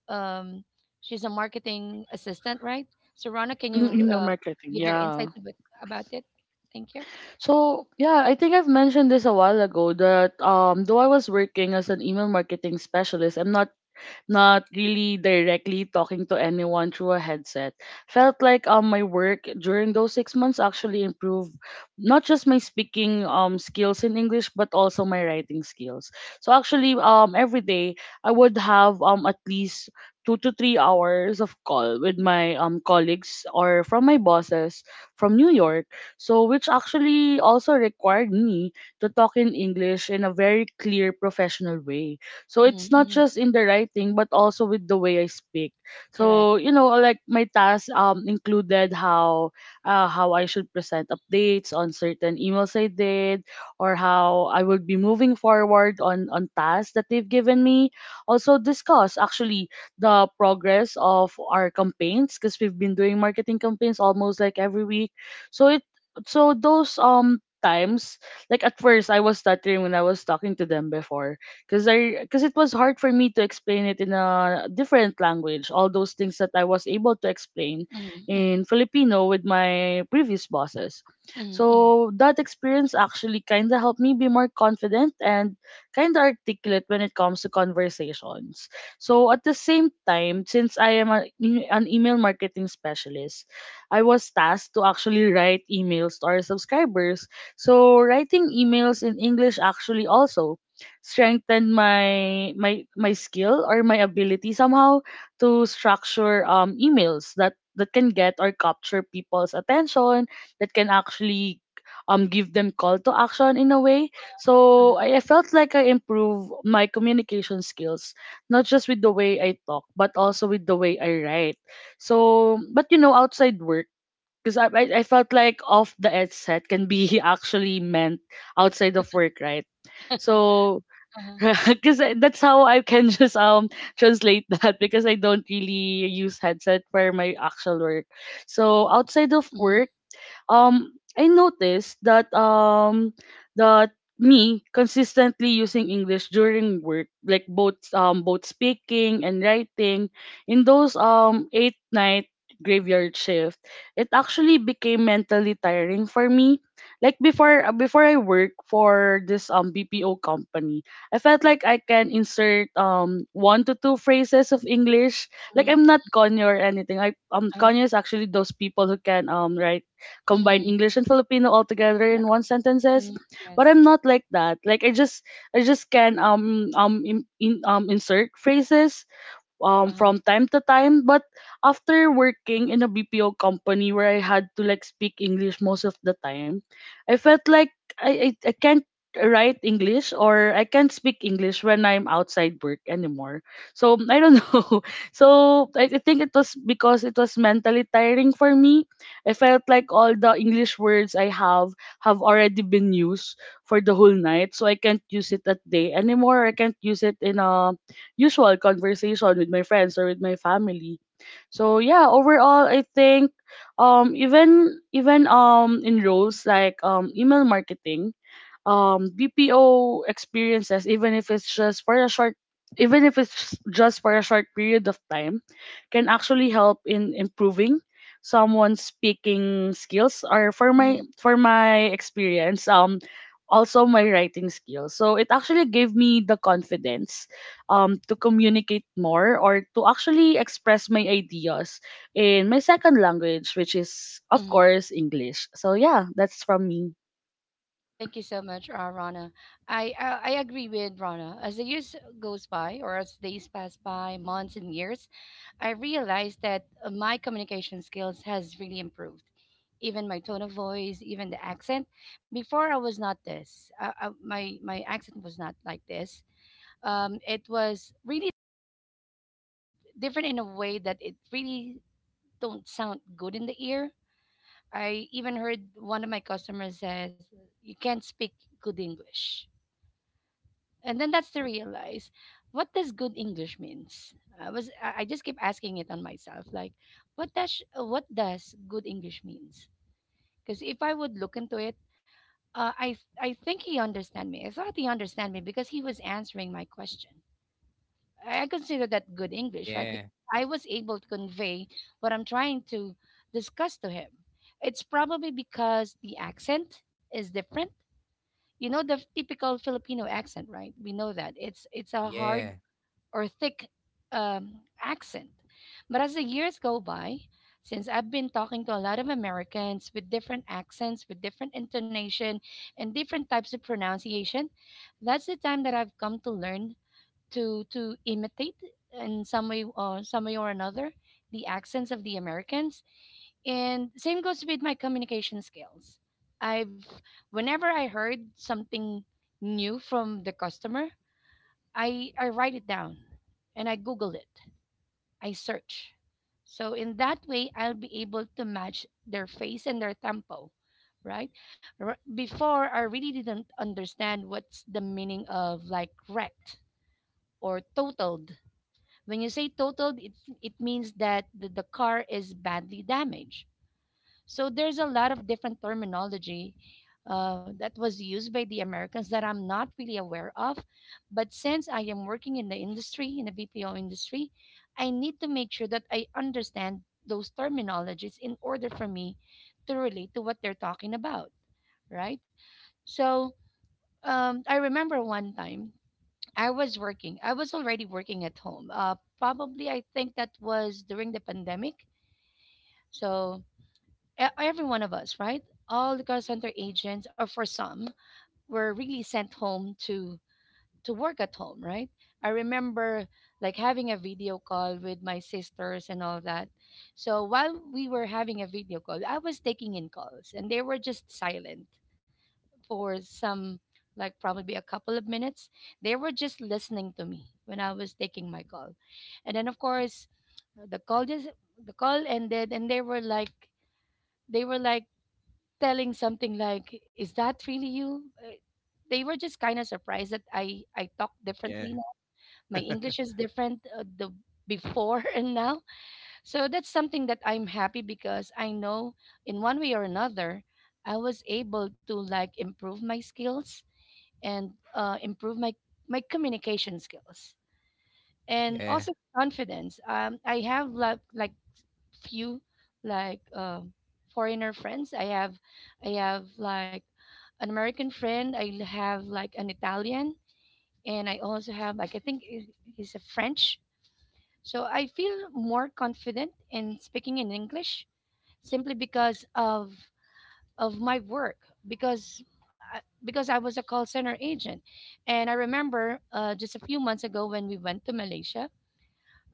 S1: um she's a marketing assistant, right? So Rana, can
S2: Mm,
S1: you
S2: email
S1: uh,
S2: marketing,
S1: give your
S2: yeah.
S1: insights about, about it? Thank you.
S2: So yeah, I think I've mentioned this a while ago that um though I was working as an email marketing specialist, I'm not, not really directly talking to anyone through a headset. Felt like um my work during those six months actually improved not just my speaking um skills in English but also my writing skills. So actually um every day I would have um at least two to three hours of call with my um colleagues or from my bosses from New York. So which actually also required me to talk in English in a very clear professional way. So it's
S1: Mm-hmm.
S2: not
S1: Mm-hmm.
S2: just in the writing, but also with the way I speak.
S1: Correct.
S2: So you know, like my tasks um included how uh, how I should present updates on certain emails I did, or how I would be moving forward on on tasks that they've given me. Also discuss actually the progress of our campaigns because we've been doing marketing campaigns almost like every week. So it, so those um times, like at first I was stuttering when I was talking to them before because I because it was hard for me to explain it in a different language. All those things that I was able to explain
S1: Mm-hmm. Mm-hmm.
S2: in Filipino with my previous bosses.
S1: Mm-hmm.
S2: So that experience actually kind of helped me be more confident and kind of articulate when it comes to conversations. So at the same time, since I am a, an email marketing specialist, I was tasked to actually write emails to our subscribers. So writing emails in English actually also strengthen my my my skill or my ability somehow to structure um emails that that can get or capture people's attention, that can actually um give them call to action in a way.
S1: uh,
S2: So I, I felt like I improve my communication skills, not just with the way I talk but also with the way I write. So but you know, outside work, because I, I I felt like off the edge set can be actually meant outside of work, right? So
S1: uh-huh.
S2: because that's how I can just um translate that, because I don't really use headset for my actual work. So outside of
S1: Mhm.
S2: work, um I noticed that um that me consistently using English during work, like both um both speaking and writing, in those um eight night graveyard shift, it actually became mentally tiring for me. Like before uh, before I work for this um B P O company, I felt like I can insert um one to two phrases of English. Like I'm not
S1: Mhm.
S2: Kanye or anything. I um
S1: uh,
S2: Kanye is actually those people who can um write combine
S1: mhm.
S2: English and Filipino all together
S1: Yep.
S2: in one
S1: Mhm.
S2: sentences.
S1: Yes.
S2: But I'm not like that. Like I just I just can um um in, in um insert phrases um
S1: Uh-huh.
S2: from time to time, but after working in a B P O company where I had to like speak English most of the time, I felt like I I, I can't write English or I can't speak English when I'm outside work anymore, so I don't know. So I, I think it was because it was mentally tiring for me. I felt like all the English words I have have already been used for the whole night, so I can't use it at day anymore, I can't use it in a usual conversation with my friends or with my family. So yeah, overall I think um even even um in roles like um email marketing, um B P O experiences, even if it's just for a short even if it's just for a short period of time, can actually help in improving someone's speaking skills, or for
S1: Hmm.
S2: my for my experience, um also my writing skills. So it actually gave me the confidence um to communicate more or to actually express my ideas in my second language, which is of
S1: Hmm.
S2: course English. So yeah, that's from me.
S1: Thank you so much, uh, Rana. I, I I agree with Rana. As the years goes by, or as days pass by, months and years, I realized that uh, my communication skills has really improved. Even my tone of voice, even the accent. Before I was not this. Uh, uh, my my accent was not like this. Um, it was really different in a way that it really don't sound good in the ear. I even heard one of my customers says, "You can't speak good English," and then that's to realize what does good English means. I was I I just keep asking it on myself, like, what does what does good English means? Because if I would look into it, uh, I I think he understand me. I thought he understand me because he was answering my question. I consider that good English, right? Because
S3: Yeah.
S1: I was able to convey what I'm trying to discuss to him. It's probably because the accent is different. You know the typical Filipino accent, right? We know that it's it's a hard
S3: Yeah.
S1: or thick um, accent. But as the years go by, since I've been talking to a lot of Americans with different accents, with different intonation, and different types of pronunciation, that's the time that I've come to learn to to imitate in some way or some way or another the accents of the Americans. And same goes with my communication skills. I've Whenever I heard something new from the customer, I I write it down and I Google it. I search. So in that way, I'll be able to match their face and their tempo, right? R- Before, I really didn't understand what's the meaning of like wrecked or totaled. When you say totaled, it, it means that the, the car is badly damaged. So there's a lot of different terminology uh, that was used by the Americans that I'm not really aware of. But since I am working in the industry, in the B P O industry, I need to make sure that I understand those terminologies in order for me to relate to what they're talking about, right? So um, I remember one time I was working. I was already working at home. Uh, probably, I think that was during the pandemic. So e- every one of us, right? All the call center agents, or for some, were really sent home to to work at home, right? I remember like having a video call with my sisters and all that. So while we were having a video call, I was taking in calls, and they were just silent for some, like probably a couple of minutes. They were just listening to me when I was taking my call. And then, of course, the call just the call ended, and they were like they were like telling something like, is that really you? Uh, they were just kind of surprised that i i talk differently
S3: Yeah.
S1: now. My English is different, uh, the before and now. So that's something that I'm happy, because I know in one way or another I was able to like improve my skills, and uh, improve my my communication skills, and
S3: yeah.
S1: also confidence. Um, I have like like few like um foreigner friends. I have I have like an American friend. I have like an Italian, and I also have like I think he- he's a French. So I feel more confident in speaking in English, simply because of of my work, because I- because I was a call center agent. And I remember uh, just a few months ago when we went to Malaysia.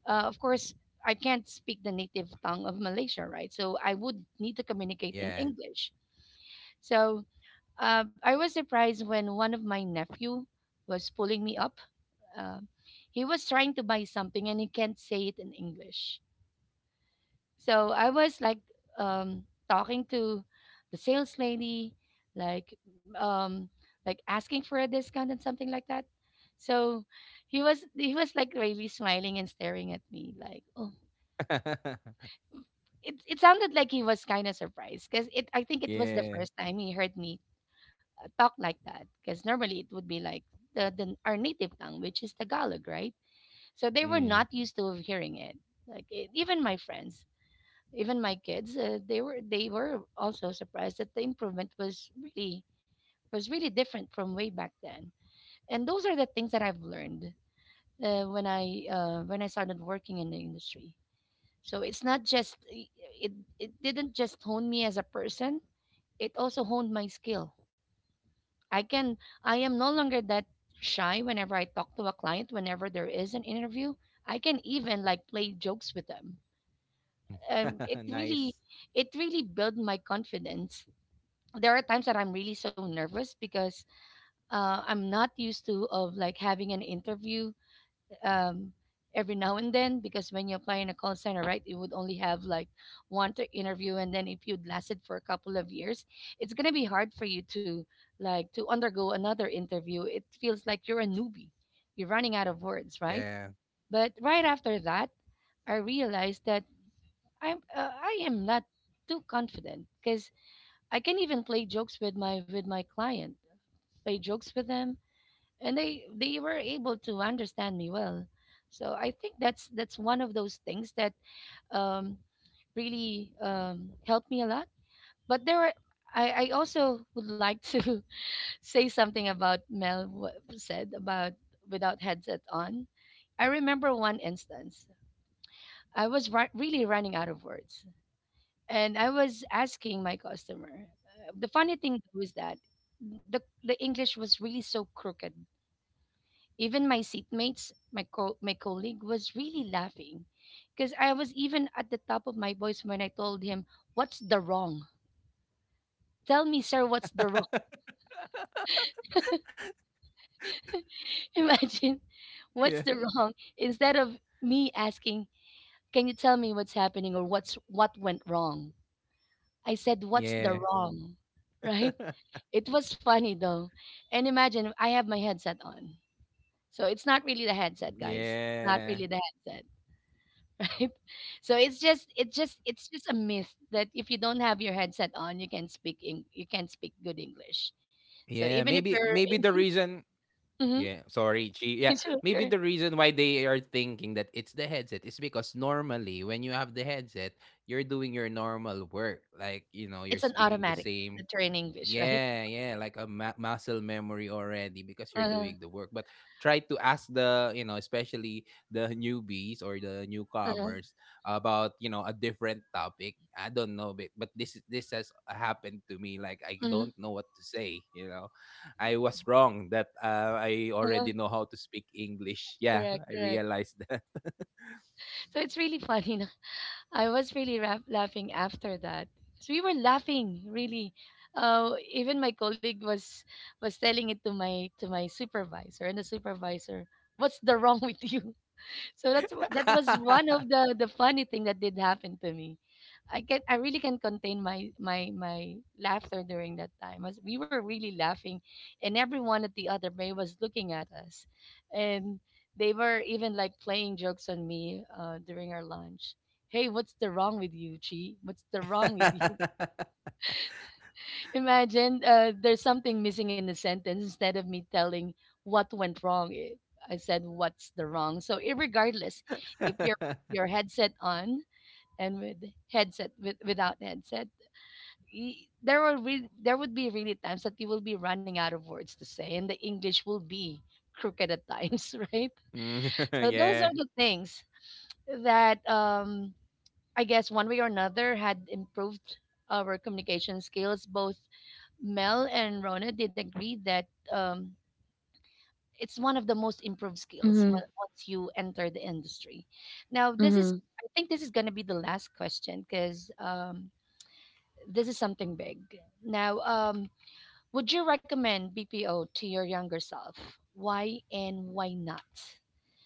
S1: Uh, of course, I can't speak the native tongue of Malaysia, right? So I would need to communicate in
S3: Yeah.
S1: English. So uh, I was surprised when one of my nephew was pulling me up. Uh, he was trying to buy something and he can't say it in English. So I was like um, talking to the sales lady, like um, like asking for a discount and something like that. So he was he was like really smiling and staring at me like, oh, it, it sounded like he was kind of surprised, because it I think it was the
S3: yeah.
S1: first time he heard me uh, talk like that, because normally it would be like the, the our native tongue, which is Tagalog, right? So they were not
S3: Mm.
S1: used to hearing it. Like e- even my friends, even my kids, uh, they were they were also surprised that the improvement was really was really different from way back then. And those are the things that I've learned, uh, when i uh, when I started working in the industry. So it's not just i- it it didn't just hone me as a person, it also honed my skill. i can I am no longer that shy whenever I talk to a client, whenever there is an interview. I can even like play jokes with them.
S3: Mm.
S1: um, it really
S3: nice.
S1: it really built my confidence. There are times that I'm really so nervous, because uh, I'm not used to of like having an interview um, every now and then, because when you apply in a call center, right, it would only have like one to interview, and then if you'd lasted for a couple of years, it's gonna be hard for you to like to undergo another interview. It feels like you're a newbie, you're running out of words, right?
S3: Yeah.
S1: But right after that, I realized that I'm uh, I am not too confident, because I can even play jokes with my with my client, play jokes with them, and they they were able to understand me well. So I think that's that's one of those things that um, really um, helped me a lot. But there were I, I also would like to say something about Mel wh- said about without headset on. I remember one instance. I was ri- really running out of words, and I was asking my customer. Uh, the funny thing was that the the English was really so crooked. Even my seatmates, my co- my colleague was really laughing because I was even at the top of my voice when I told him, "What's the wrong? Tell me, sir, what's the wrong?" Imagine,
S3: Yeah.
S1: what's the wrong? Instead of me asking, "Can you tell me what's happening or what's what went wrong?" I said, "What's
S3: Yeah.
S1: the wrong?" Right? It was funny though. And imagine I have my headset on. So it's not really the headset, guys. It's not
S3: Yeah.
S1: really the headset. Right? So it's just it just it's just a myth that if you don't have your headset on, you can speak in, you can speak good English. So
S3: Yeah,
S1: even if
S3: maybe
S1: you're
S3: maybe the reason.
S1: Mhm.
S3: Yeah, sorry, Chi. Yeah,
S1: Sure,
S3: maybe
S1: sure.
S3: the reason why they are thinking that it's the headset is because normally when you have the headset, you're doing your normal work. Like, you know, you're
S1: It's an
S3: speaking the
S1: automatic
S3: same,
S1: that you're in English, right?
S3: yeah, yeah, like a ma- muscle memory already because you're
S1: Uh-huh.
S3: doing the work. But try to ask the, you know, especially the newbies or the
S1: Uh-huh.
S3: newcomers about, you know, a different topic. I don't know, but but this is this has happened to me. Like, I
S1: Uh-huh.
S3: don't know what to say. You know, I was wrong that uh, I already
S1: Uh-huh.
S3: know how to speak English. Yeah,
S1: Correct,
S3: I
S1: correct.
S3: realized that.
S1: So it's really funny. No? I was really ra- laughing after that. So we were laughing really. Uh, even my colleague was was telling it to my to my supervisor, and the supervisor, "What's the wrong with you?" So that's wh- that was one of the the funny thing that did happen to me. I can I really can contain my my my laughter during that time. As we were really laughing, and everyone at the other bay was looking at us, and they were even like playing jokes on me uh, during our lunch. Hey, what's the wrong with you, Chi? What's the wrong with you? Imagine, uh, there's something missing in the sentence. Instead of me telling what went wrong, it, I said what's the wrong. So, irregardless, if you're with your headset on, and with headset with, without headset, y- there will re- there would be really times that you will be running out of words to say, and the English will be crooked at times, right?
S3: Mm,
S1: So those
S3: yeah,
S1: are the things that um, I guess one way or another had improved our communication skills. Both Mel and Rona did agree that um, it's one of the most improved skills
S2: Mm-hmm.
S1: when, once you enter the industry. Now, this is, I think this is going to be the last question, because um, this is something big. Now, um, would you recommend B P O to your younger self? Why and why not?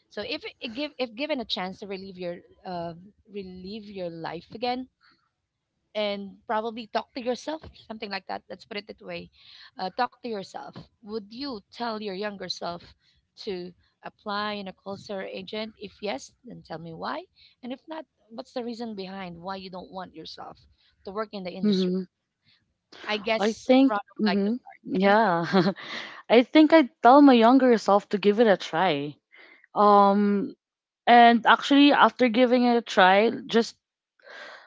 S1: So, if it give if given a chance to relive your uh, relive your life again, and probably talk to yourself, something like that. Let's put it that way. Uh, talk to yourself. Would you tell your younger self to apply in a call center agent? If yes, then tell me why. And if not, what's the reason behind why you don't want yourself to work in the industry?
S2: hmm
S1: I
S2: I
S1: guess
S2: think,
S1: Ron would like to
S2: hmm
S1: start. Thank you.
S2: yeah, I think I'd tell my younger self to give it a try. Um, and actually, after giving it a try, just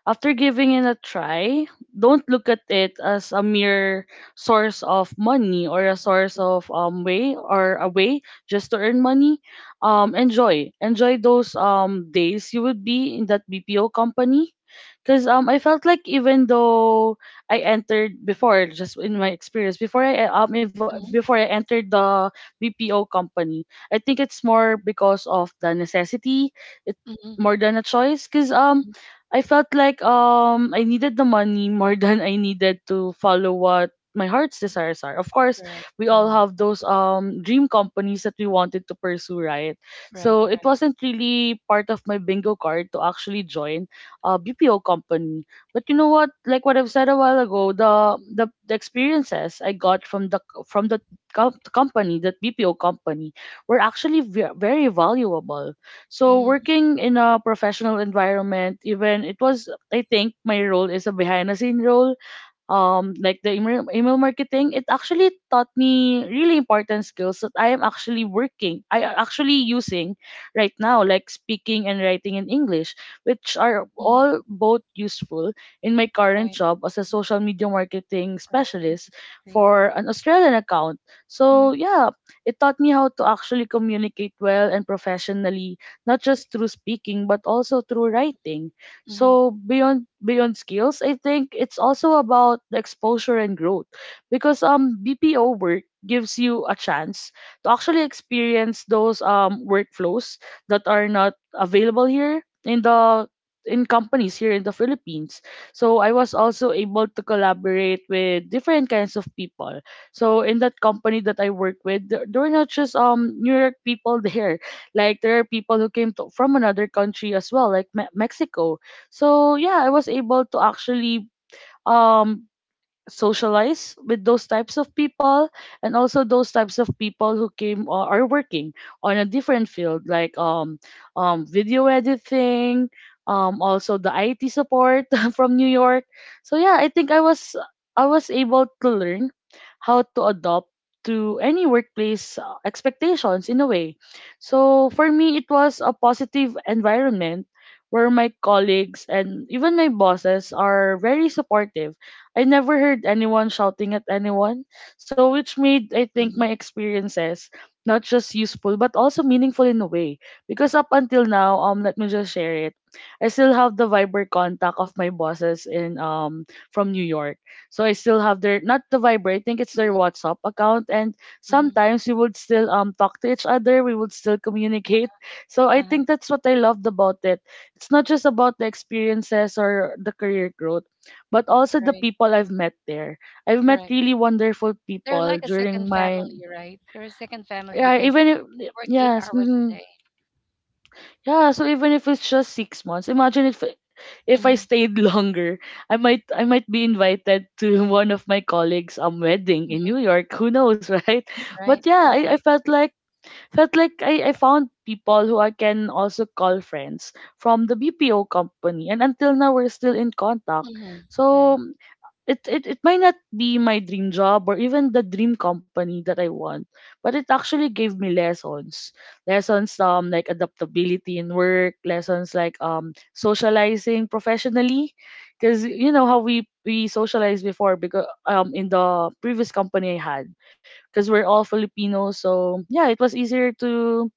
S2: after giving it a try, don't look at it as a mere source of money or a source of um way or a way just to earn money. Um, enjoy, enjoy those um days you would be in that B P O company. Cause um I felt like even though I entered before, just in my experience before I um ev-
S1: Mm-hmm.
S2: before I entered the B P O company, I think it's more because of the necessity it
S1: Mm-hmm.
S2: more than a choice, because um
S1: Hmm.
S2: I felt like um I needed the money more than I needed to follow what my heart's desires are. Of course,
S1: Correct.
S2: we
S1: Uh-huh.
S2: all have those um dream companies that we wanted to pursue, right?
S1: Right,
S2: So it
S1: right.
S2: wasn't really part of my bingo card to actually join a B P O company. But you know what? Like what I've said a while ago, the the, the experiences I got from the from the com- company, that B P O company, were actually ve- very valuable. So
S1: Mm-hmm.
S2: working in a professional environment, even it was, I think my role is a behind the scene role, um like the email, email marketing, it actually taught me really important skills that i am actually working i am actually using right now, like speaking and writing in english, which are
S1: Mm-hmm.
S2: all both useful in my current
S1: Right,
S2: job as a social media marketing
S1: right.
S2: specialist
S1: Agree.
S2: for an australian account. So
S1: Mm-hmm.
S2: yeah, it taught me how to actually communicate well and professionally, not just through speaking but also through writing.
S1: Mm-hmm.
S2: So beyond beyond skills, I think it's also about the exposure and growth, because um B P O work gives you a chance to actually experience those um workflows that are not available here in the in companies here in the Philippines. So I was also able to collaborate with different kinds of people. So in that company that I work with, there, there were not just um New York people there. Like there are people who came to, from another country as well, like Me- Mexico. So yeah, I was able to actually um socialize with those types of people, and also those types of people who came or are working on a different field like um, um, video editing, um, also the I T support from New York. So yeah, I think I was I was able to learn how to adopt to any workplace uh, expectations in a way. So for me, it was a positive environment where my colleagues and even my bosses are very supportive. I never heard anyone shouting at anyone. So, which made, I think, my
S1: Mm-hmm.
S2: experiences not just useful, but also meaningful in a way. Because up until now, um, let me just share it. I still have the Viber contact of my bosses in um from New York. So I still have their, not the Viber, I think it's their WhatsApp account, and
S1: Mm-hmm.
S2: sometimes we would still um talk to each other, we would still communicate. So I
S1: Uh-huh.
S2: think that's what I loved about it. It's not just about the experiences or the career growth, but also the
S1: Right.
S2: people I've met there. I've met
S1: Correct.
S2: really wonderful
S1: They're
S2: people
S1: like a
S2: during
S1: second
S2: my
S1: family, right? They're a second family
S2: yeah,
S1: because
S2: even if
S1: we work eight
S2: yes,
S1: hours a
S2: hmm
S1: day.
S2: yeah. So even if it's just six months, imagine if if I
S1: Hmm.
S2: stayed longer, I might I might be invited to one of my colleagues' um wedding in New York. Who knows, right? But
S1: Right,
S2: yeah, I, I
S1: right,
S2: felt like felt like I, I found people who I can also call friends from the B P O company, and until now we're still in contact.
S1: hmm
S2: So
S1: right,
S2: it, it it might not be my dream job or even the dream company that I want, but it actually gave me lessons. Lessons um like adaptability in work, lessons like um socializing professionally, because you know how we we socialized before, because um in the previous company I had, because we're all Filipinos, so yeah, it was easier to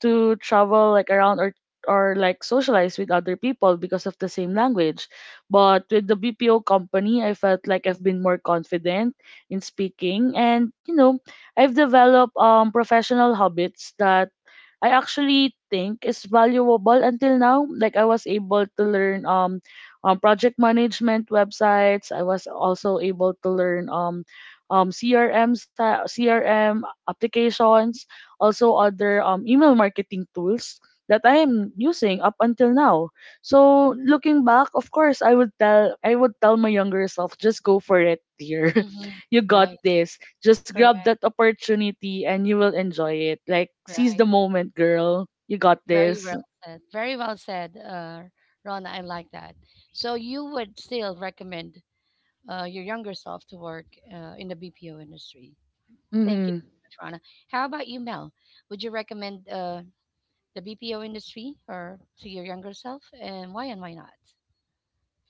S2: to travel like around or or like socialize with other people because of the same language. But with the B P O company, I felt like I've been more confident in speaking and you know, I've developed um professional habits that I actually think is valuable until now. Like I was able to learn um, um project management websites. I was also able to learn um um C R M si- C R M applications, also other um email marketing tools that I am using up until now. So looking back, of course, I would tell I would tell my younger self, just go for it, dear.
S1: hmm
S2: You got
S1: right,
S2: this. Just grab
S1: correct,
S2: that opportunity and you will enjoy it. Like seize
S1: right.
S2: the moment, girl. You got
S1: Very
S2: this.
S1: well said. Very well said, uh, Rona. I like that. So you would still recommend uh, your younger self to work uh, in the B P O industry.
S2: Hmm.
S1: Thank you so much, Rona. How about you, Mel? Would you recommend uh, the B P O industry or to your younger self, and why and why not?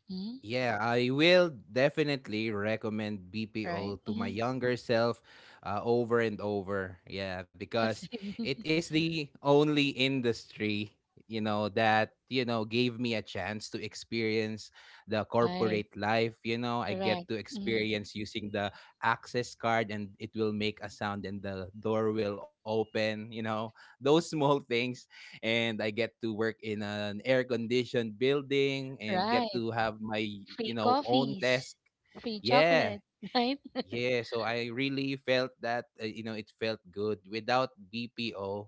S1: Hmm.
S3: yeah, I will definitely recommend B P O
S1: Right.
S3: to my
S1: Hmm.
S3: younger self uh, over and over. Yeah, because it
S1: Same.
S3: is the only industry, you know, that, you know, gave me a chance to experience the
S1: Right.
S3: corporate life. You know, I get
S1: Correct.
S3: to
S1: Mm.
S3: experience using the access card and it will make a sound and the door will open, you know, those small things, and I get to work in an air conditioned building and get
S1: Right.
S3: to have my
S1: Free
S3: you know own
S1: coffees,
S3: desk.
S1: free
S3: Yeah,
S1: chocolate, right?
S3: yeah, so I really felt that uh, you know it felt good without B P O,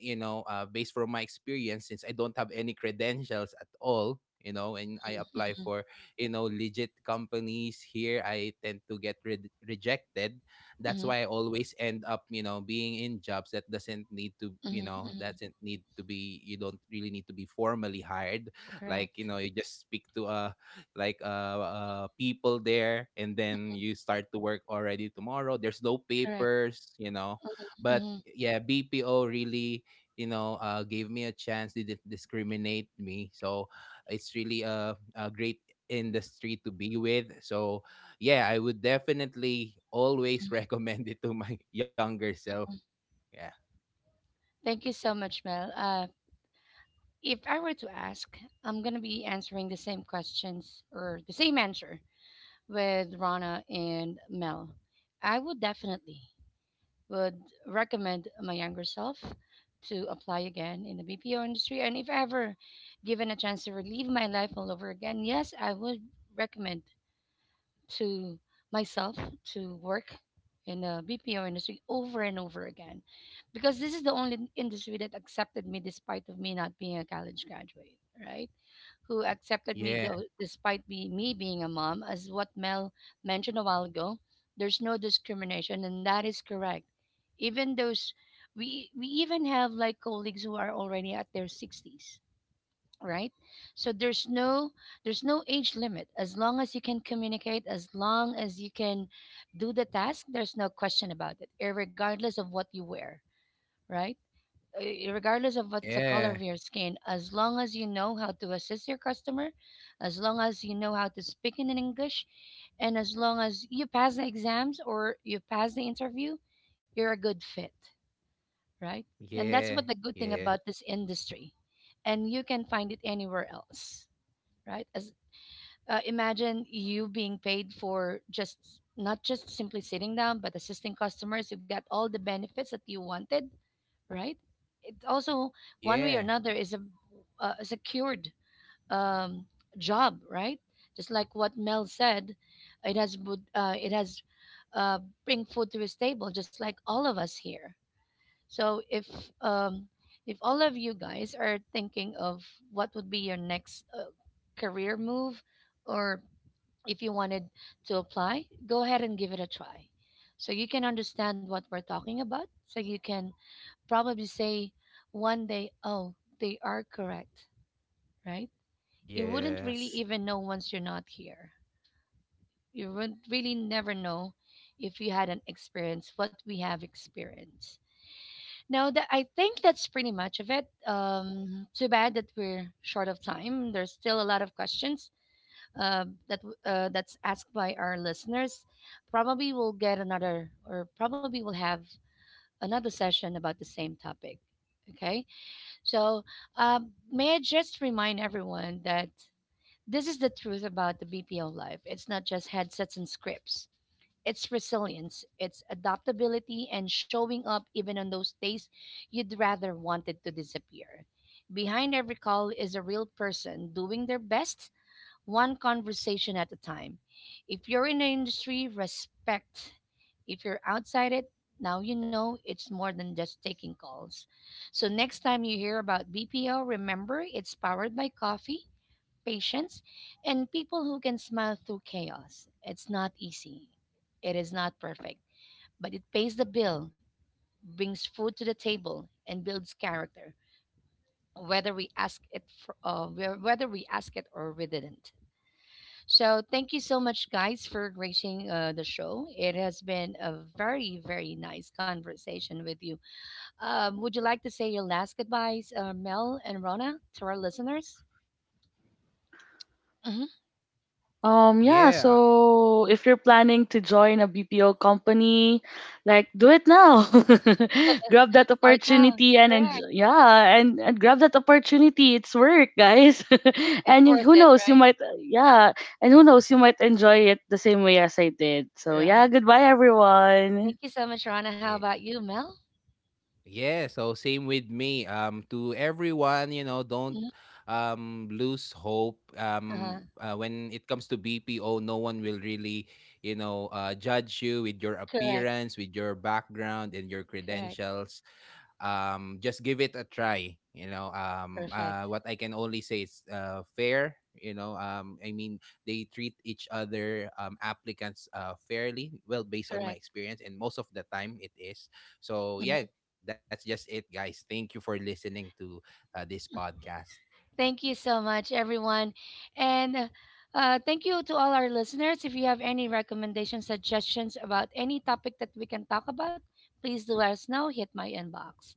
S3: you know, uh, based from my experience. Since I don't have any credentials at all, you know, and I apply for you know legit companies here, I tend to get re- rejected. That's
S1: Mm-hmm.
S3: why I always end up you know being in jobs that doesn't need to you
S1: Mm-hmm.
S3: know
S1: Mm-hmm.
S3: doesn't need to be you don't really need to be formally hired, like, you
S1: Correct.
S3: know, you just speak to a like uh, uh people there and then you start to work already tomorrow. There's no
S1: Correct.
S3: papers, you know, but
S1: Mm-hmm.
S3: yeah, BPO really, you know, uh gave me a chance. They didn't discriminate me, so it's really a, a great industry to be with. So yeah, I would definitely always recommend it to my younger self.
S1: Mm-hmm.
S3: Yeah,
S1: Thank you so much, Mel. Uh, if I were to ask, I'm going to be answering the same questions or the same answer with Rana and Mel. I would definitely would recommend my younger self to apply again in the B P O industry. And if ever given a chance to relive my life all over again, yes, I would recommend to myself to work in the B P O industry over and over again, because this is the only industry that accepted me despite of me not being a college graduate, right? Who accepted me
S3: yeah,
S1: though, despite me, me being a mom. As what Mel mentioned a while ago, there's no discrimination, and that is correct. Even those, we, we even have like colleagues who are already at their sixties, right? So there's no, there's no age limit, as long as you can communicate, as long as you can do the task, there's no question about it, regardless of what you wear, right? Uh, regardless of what's the
S3: yeah,
S1: color of your skin, as long as you know how to assist your customer, as long as you know how to speak in English, and as long as you pass the exams or you pass the interview, you're a good fit, right? And
S3: yeah,
S1: that's what the good
S3: yeah,
S1: thing about this industry. And you can find it anywhere else, right? As uh, imagine you being paid for just not just simply sitting down, but assisting customers. You got all the benefits that you wanted, right? Also, one way or
S3: yeah,
S1: another is a, uh, a secured um, job, right? Just like what Mel said, it has would- uh, it has uh, bring food to his table, just like all of us here. So if um, if all of you guys are thinking of what would be your next uh, career move, or if you wanted to apply, go ahead and give it a try. So you can understand what we're talking about. So you can probably say one day, oh, they are correct, right? You wouldn't really
S3: yes,
S1: even know once you're not here. You would really never know if you hadn't experienced what we have experienced. Now, that I think that's pretty much of it. Um, too bad that we're short of time. There's still a lot of questions uh, that w- uh, that's asked by our listeners. Probably we'll get another, or probably we'll have another session about the same topic. Okay. So, um, may I just remind everyone that this is the truth about the B P O life. It's not just headsets and scripts. It's resilience, it's adaptability, and showing up even on those days you'd rather wanted to disappear. Behind every call is a real person doing their best one conversation at a time. If you're in the industry, respect. If you're outside it, now you know it's more than just taking calls. So next time you hear about B P O, remember it's powered by coffee, patience, and people who can smile through chaos. It's not easy. It is not perfect, but it pays the bill, brings food to the table, and builds character. Whether we ask it, for, uh, whe- whether we ask it or we didn't. So thank you so much, guys, for gracing uh, the show. It has been a very, very nice conversation with you. Um, would you like to say your last goodbyes, uh, Mel and Rona, to our listeners? Hmm.
S2: Um yeah,
S3: yeah,
S2: so if you're planning to join a B P O company, like do it now. Grab that
S1: Start now.
S2: opportunity and and
S1: Correct.
S2: yeah, and, and grab that opportunity. It's work, guys.
S1: It's
S2: And you-
S1: worth
S2: who
S1: it,
S2: knows, you
S1: right?
S2: might yeah, and who knows, you might enjoy it the same way as I did. So yeah,
S1: Right.
S2: goodbye everyone.
S1: Thank you so much, Rona. How about
S3: yeah.
S1: you, Mel?
S3: Yeah, so same with me. Um, to everyone, you know, don't
S1: Mhm.
S3: um lose hope.
S1: Uh-huh.
S3: Um, uh, when it comes to B P O, no one will really, you know, uh, judge you with your
S1: Correct.
S3: appearance, with your background, and your
S1: Correct.
S3: credentials. um just give it a try, you know. Um uh
S1: Perfect.
S3: what I can only say is uh fair, you know. um I mean, they treat each other, um applicants, uh fairly well based on my
S1: Correct.
S3: experience, and most of the time it is. So
S1: Mhm.
S3: yeah, that's just it, guys. Thank you for listening to uh, this podcast. Yeah,
S1: Thank you so much, everyone. And uh, uh, thank you to all our listeners. If you have any recommendations, suggestions about any topic that we can talk about, please do let us know. Hit my inbox.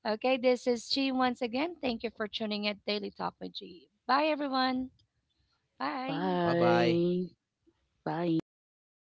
S1: Okay, this is Chi once again. Thank you for tuning in Daily Talk with Chi. Bye, everyone. Bye.
S3: bye bye.
S2: Bye. Bye.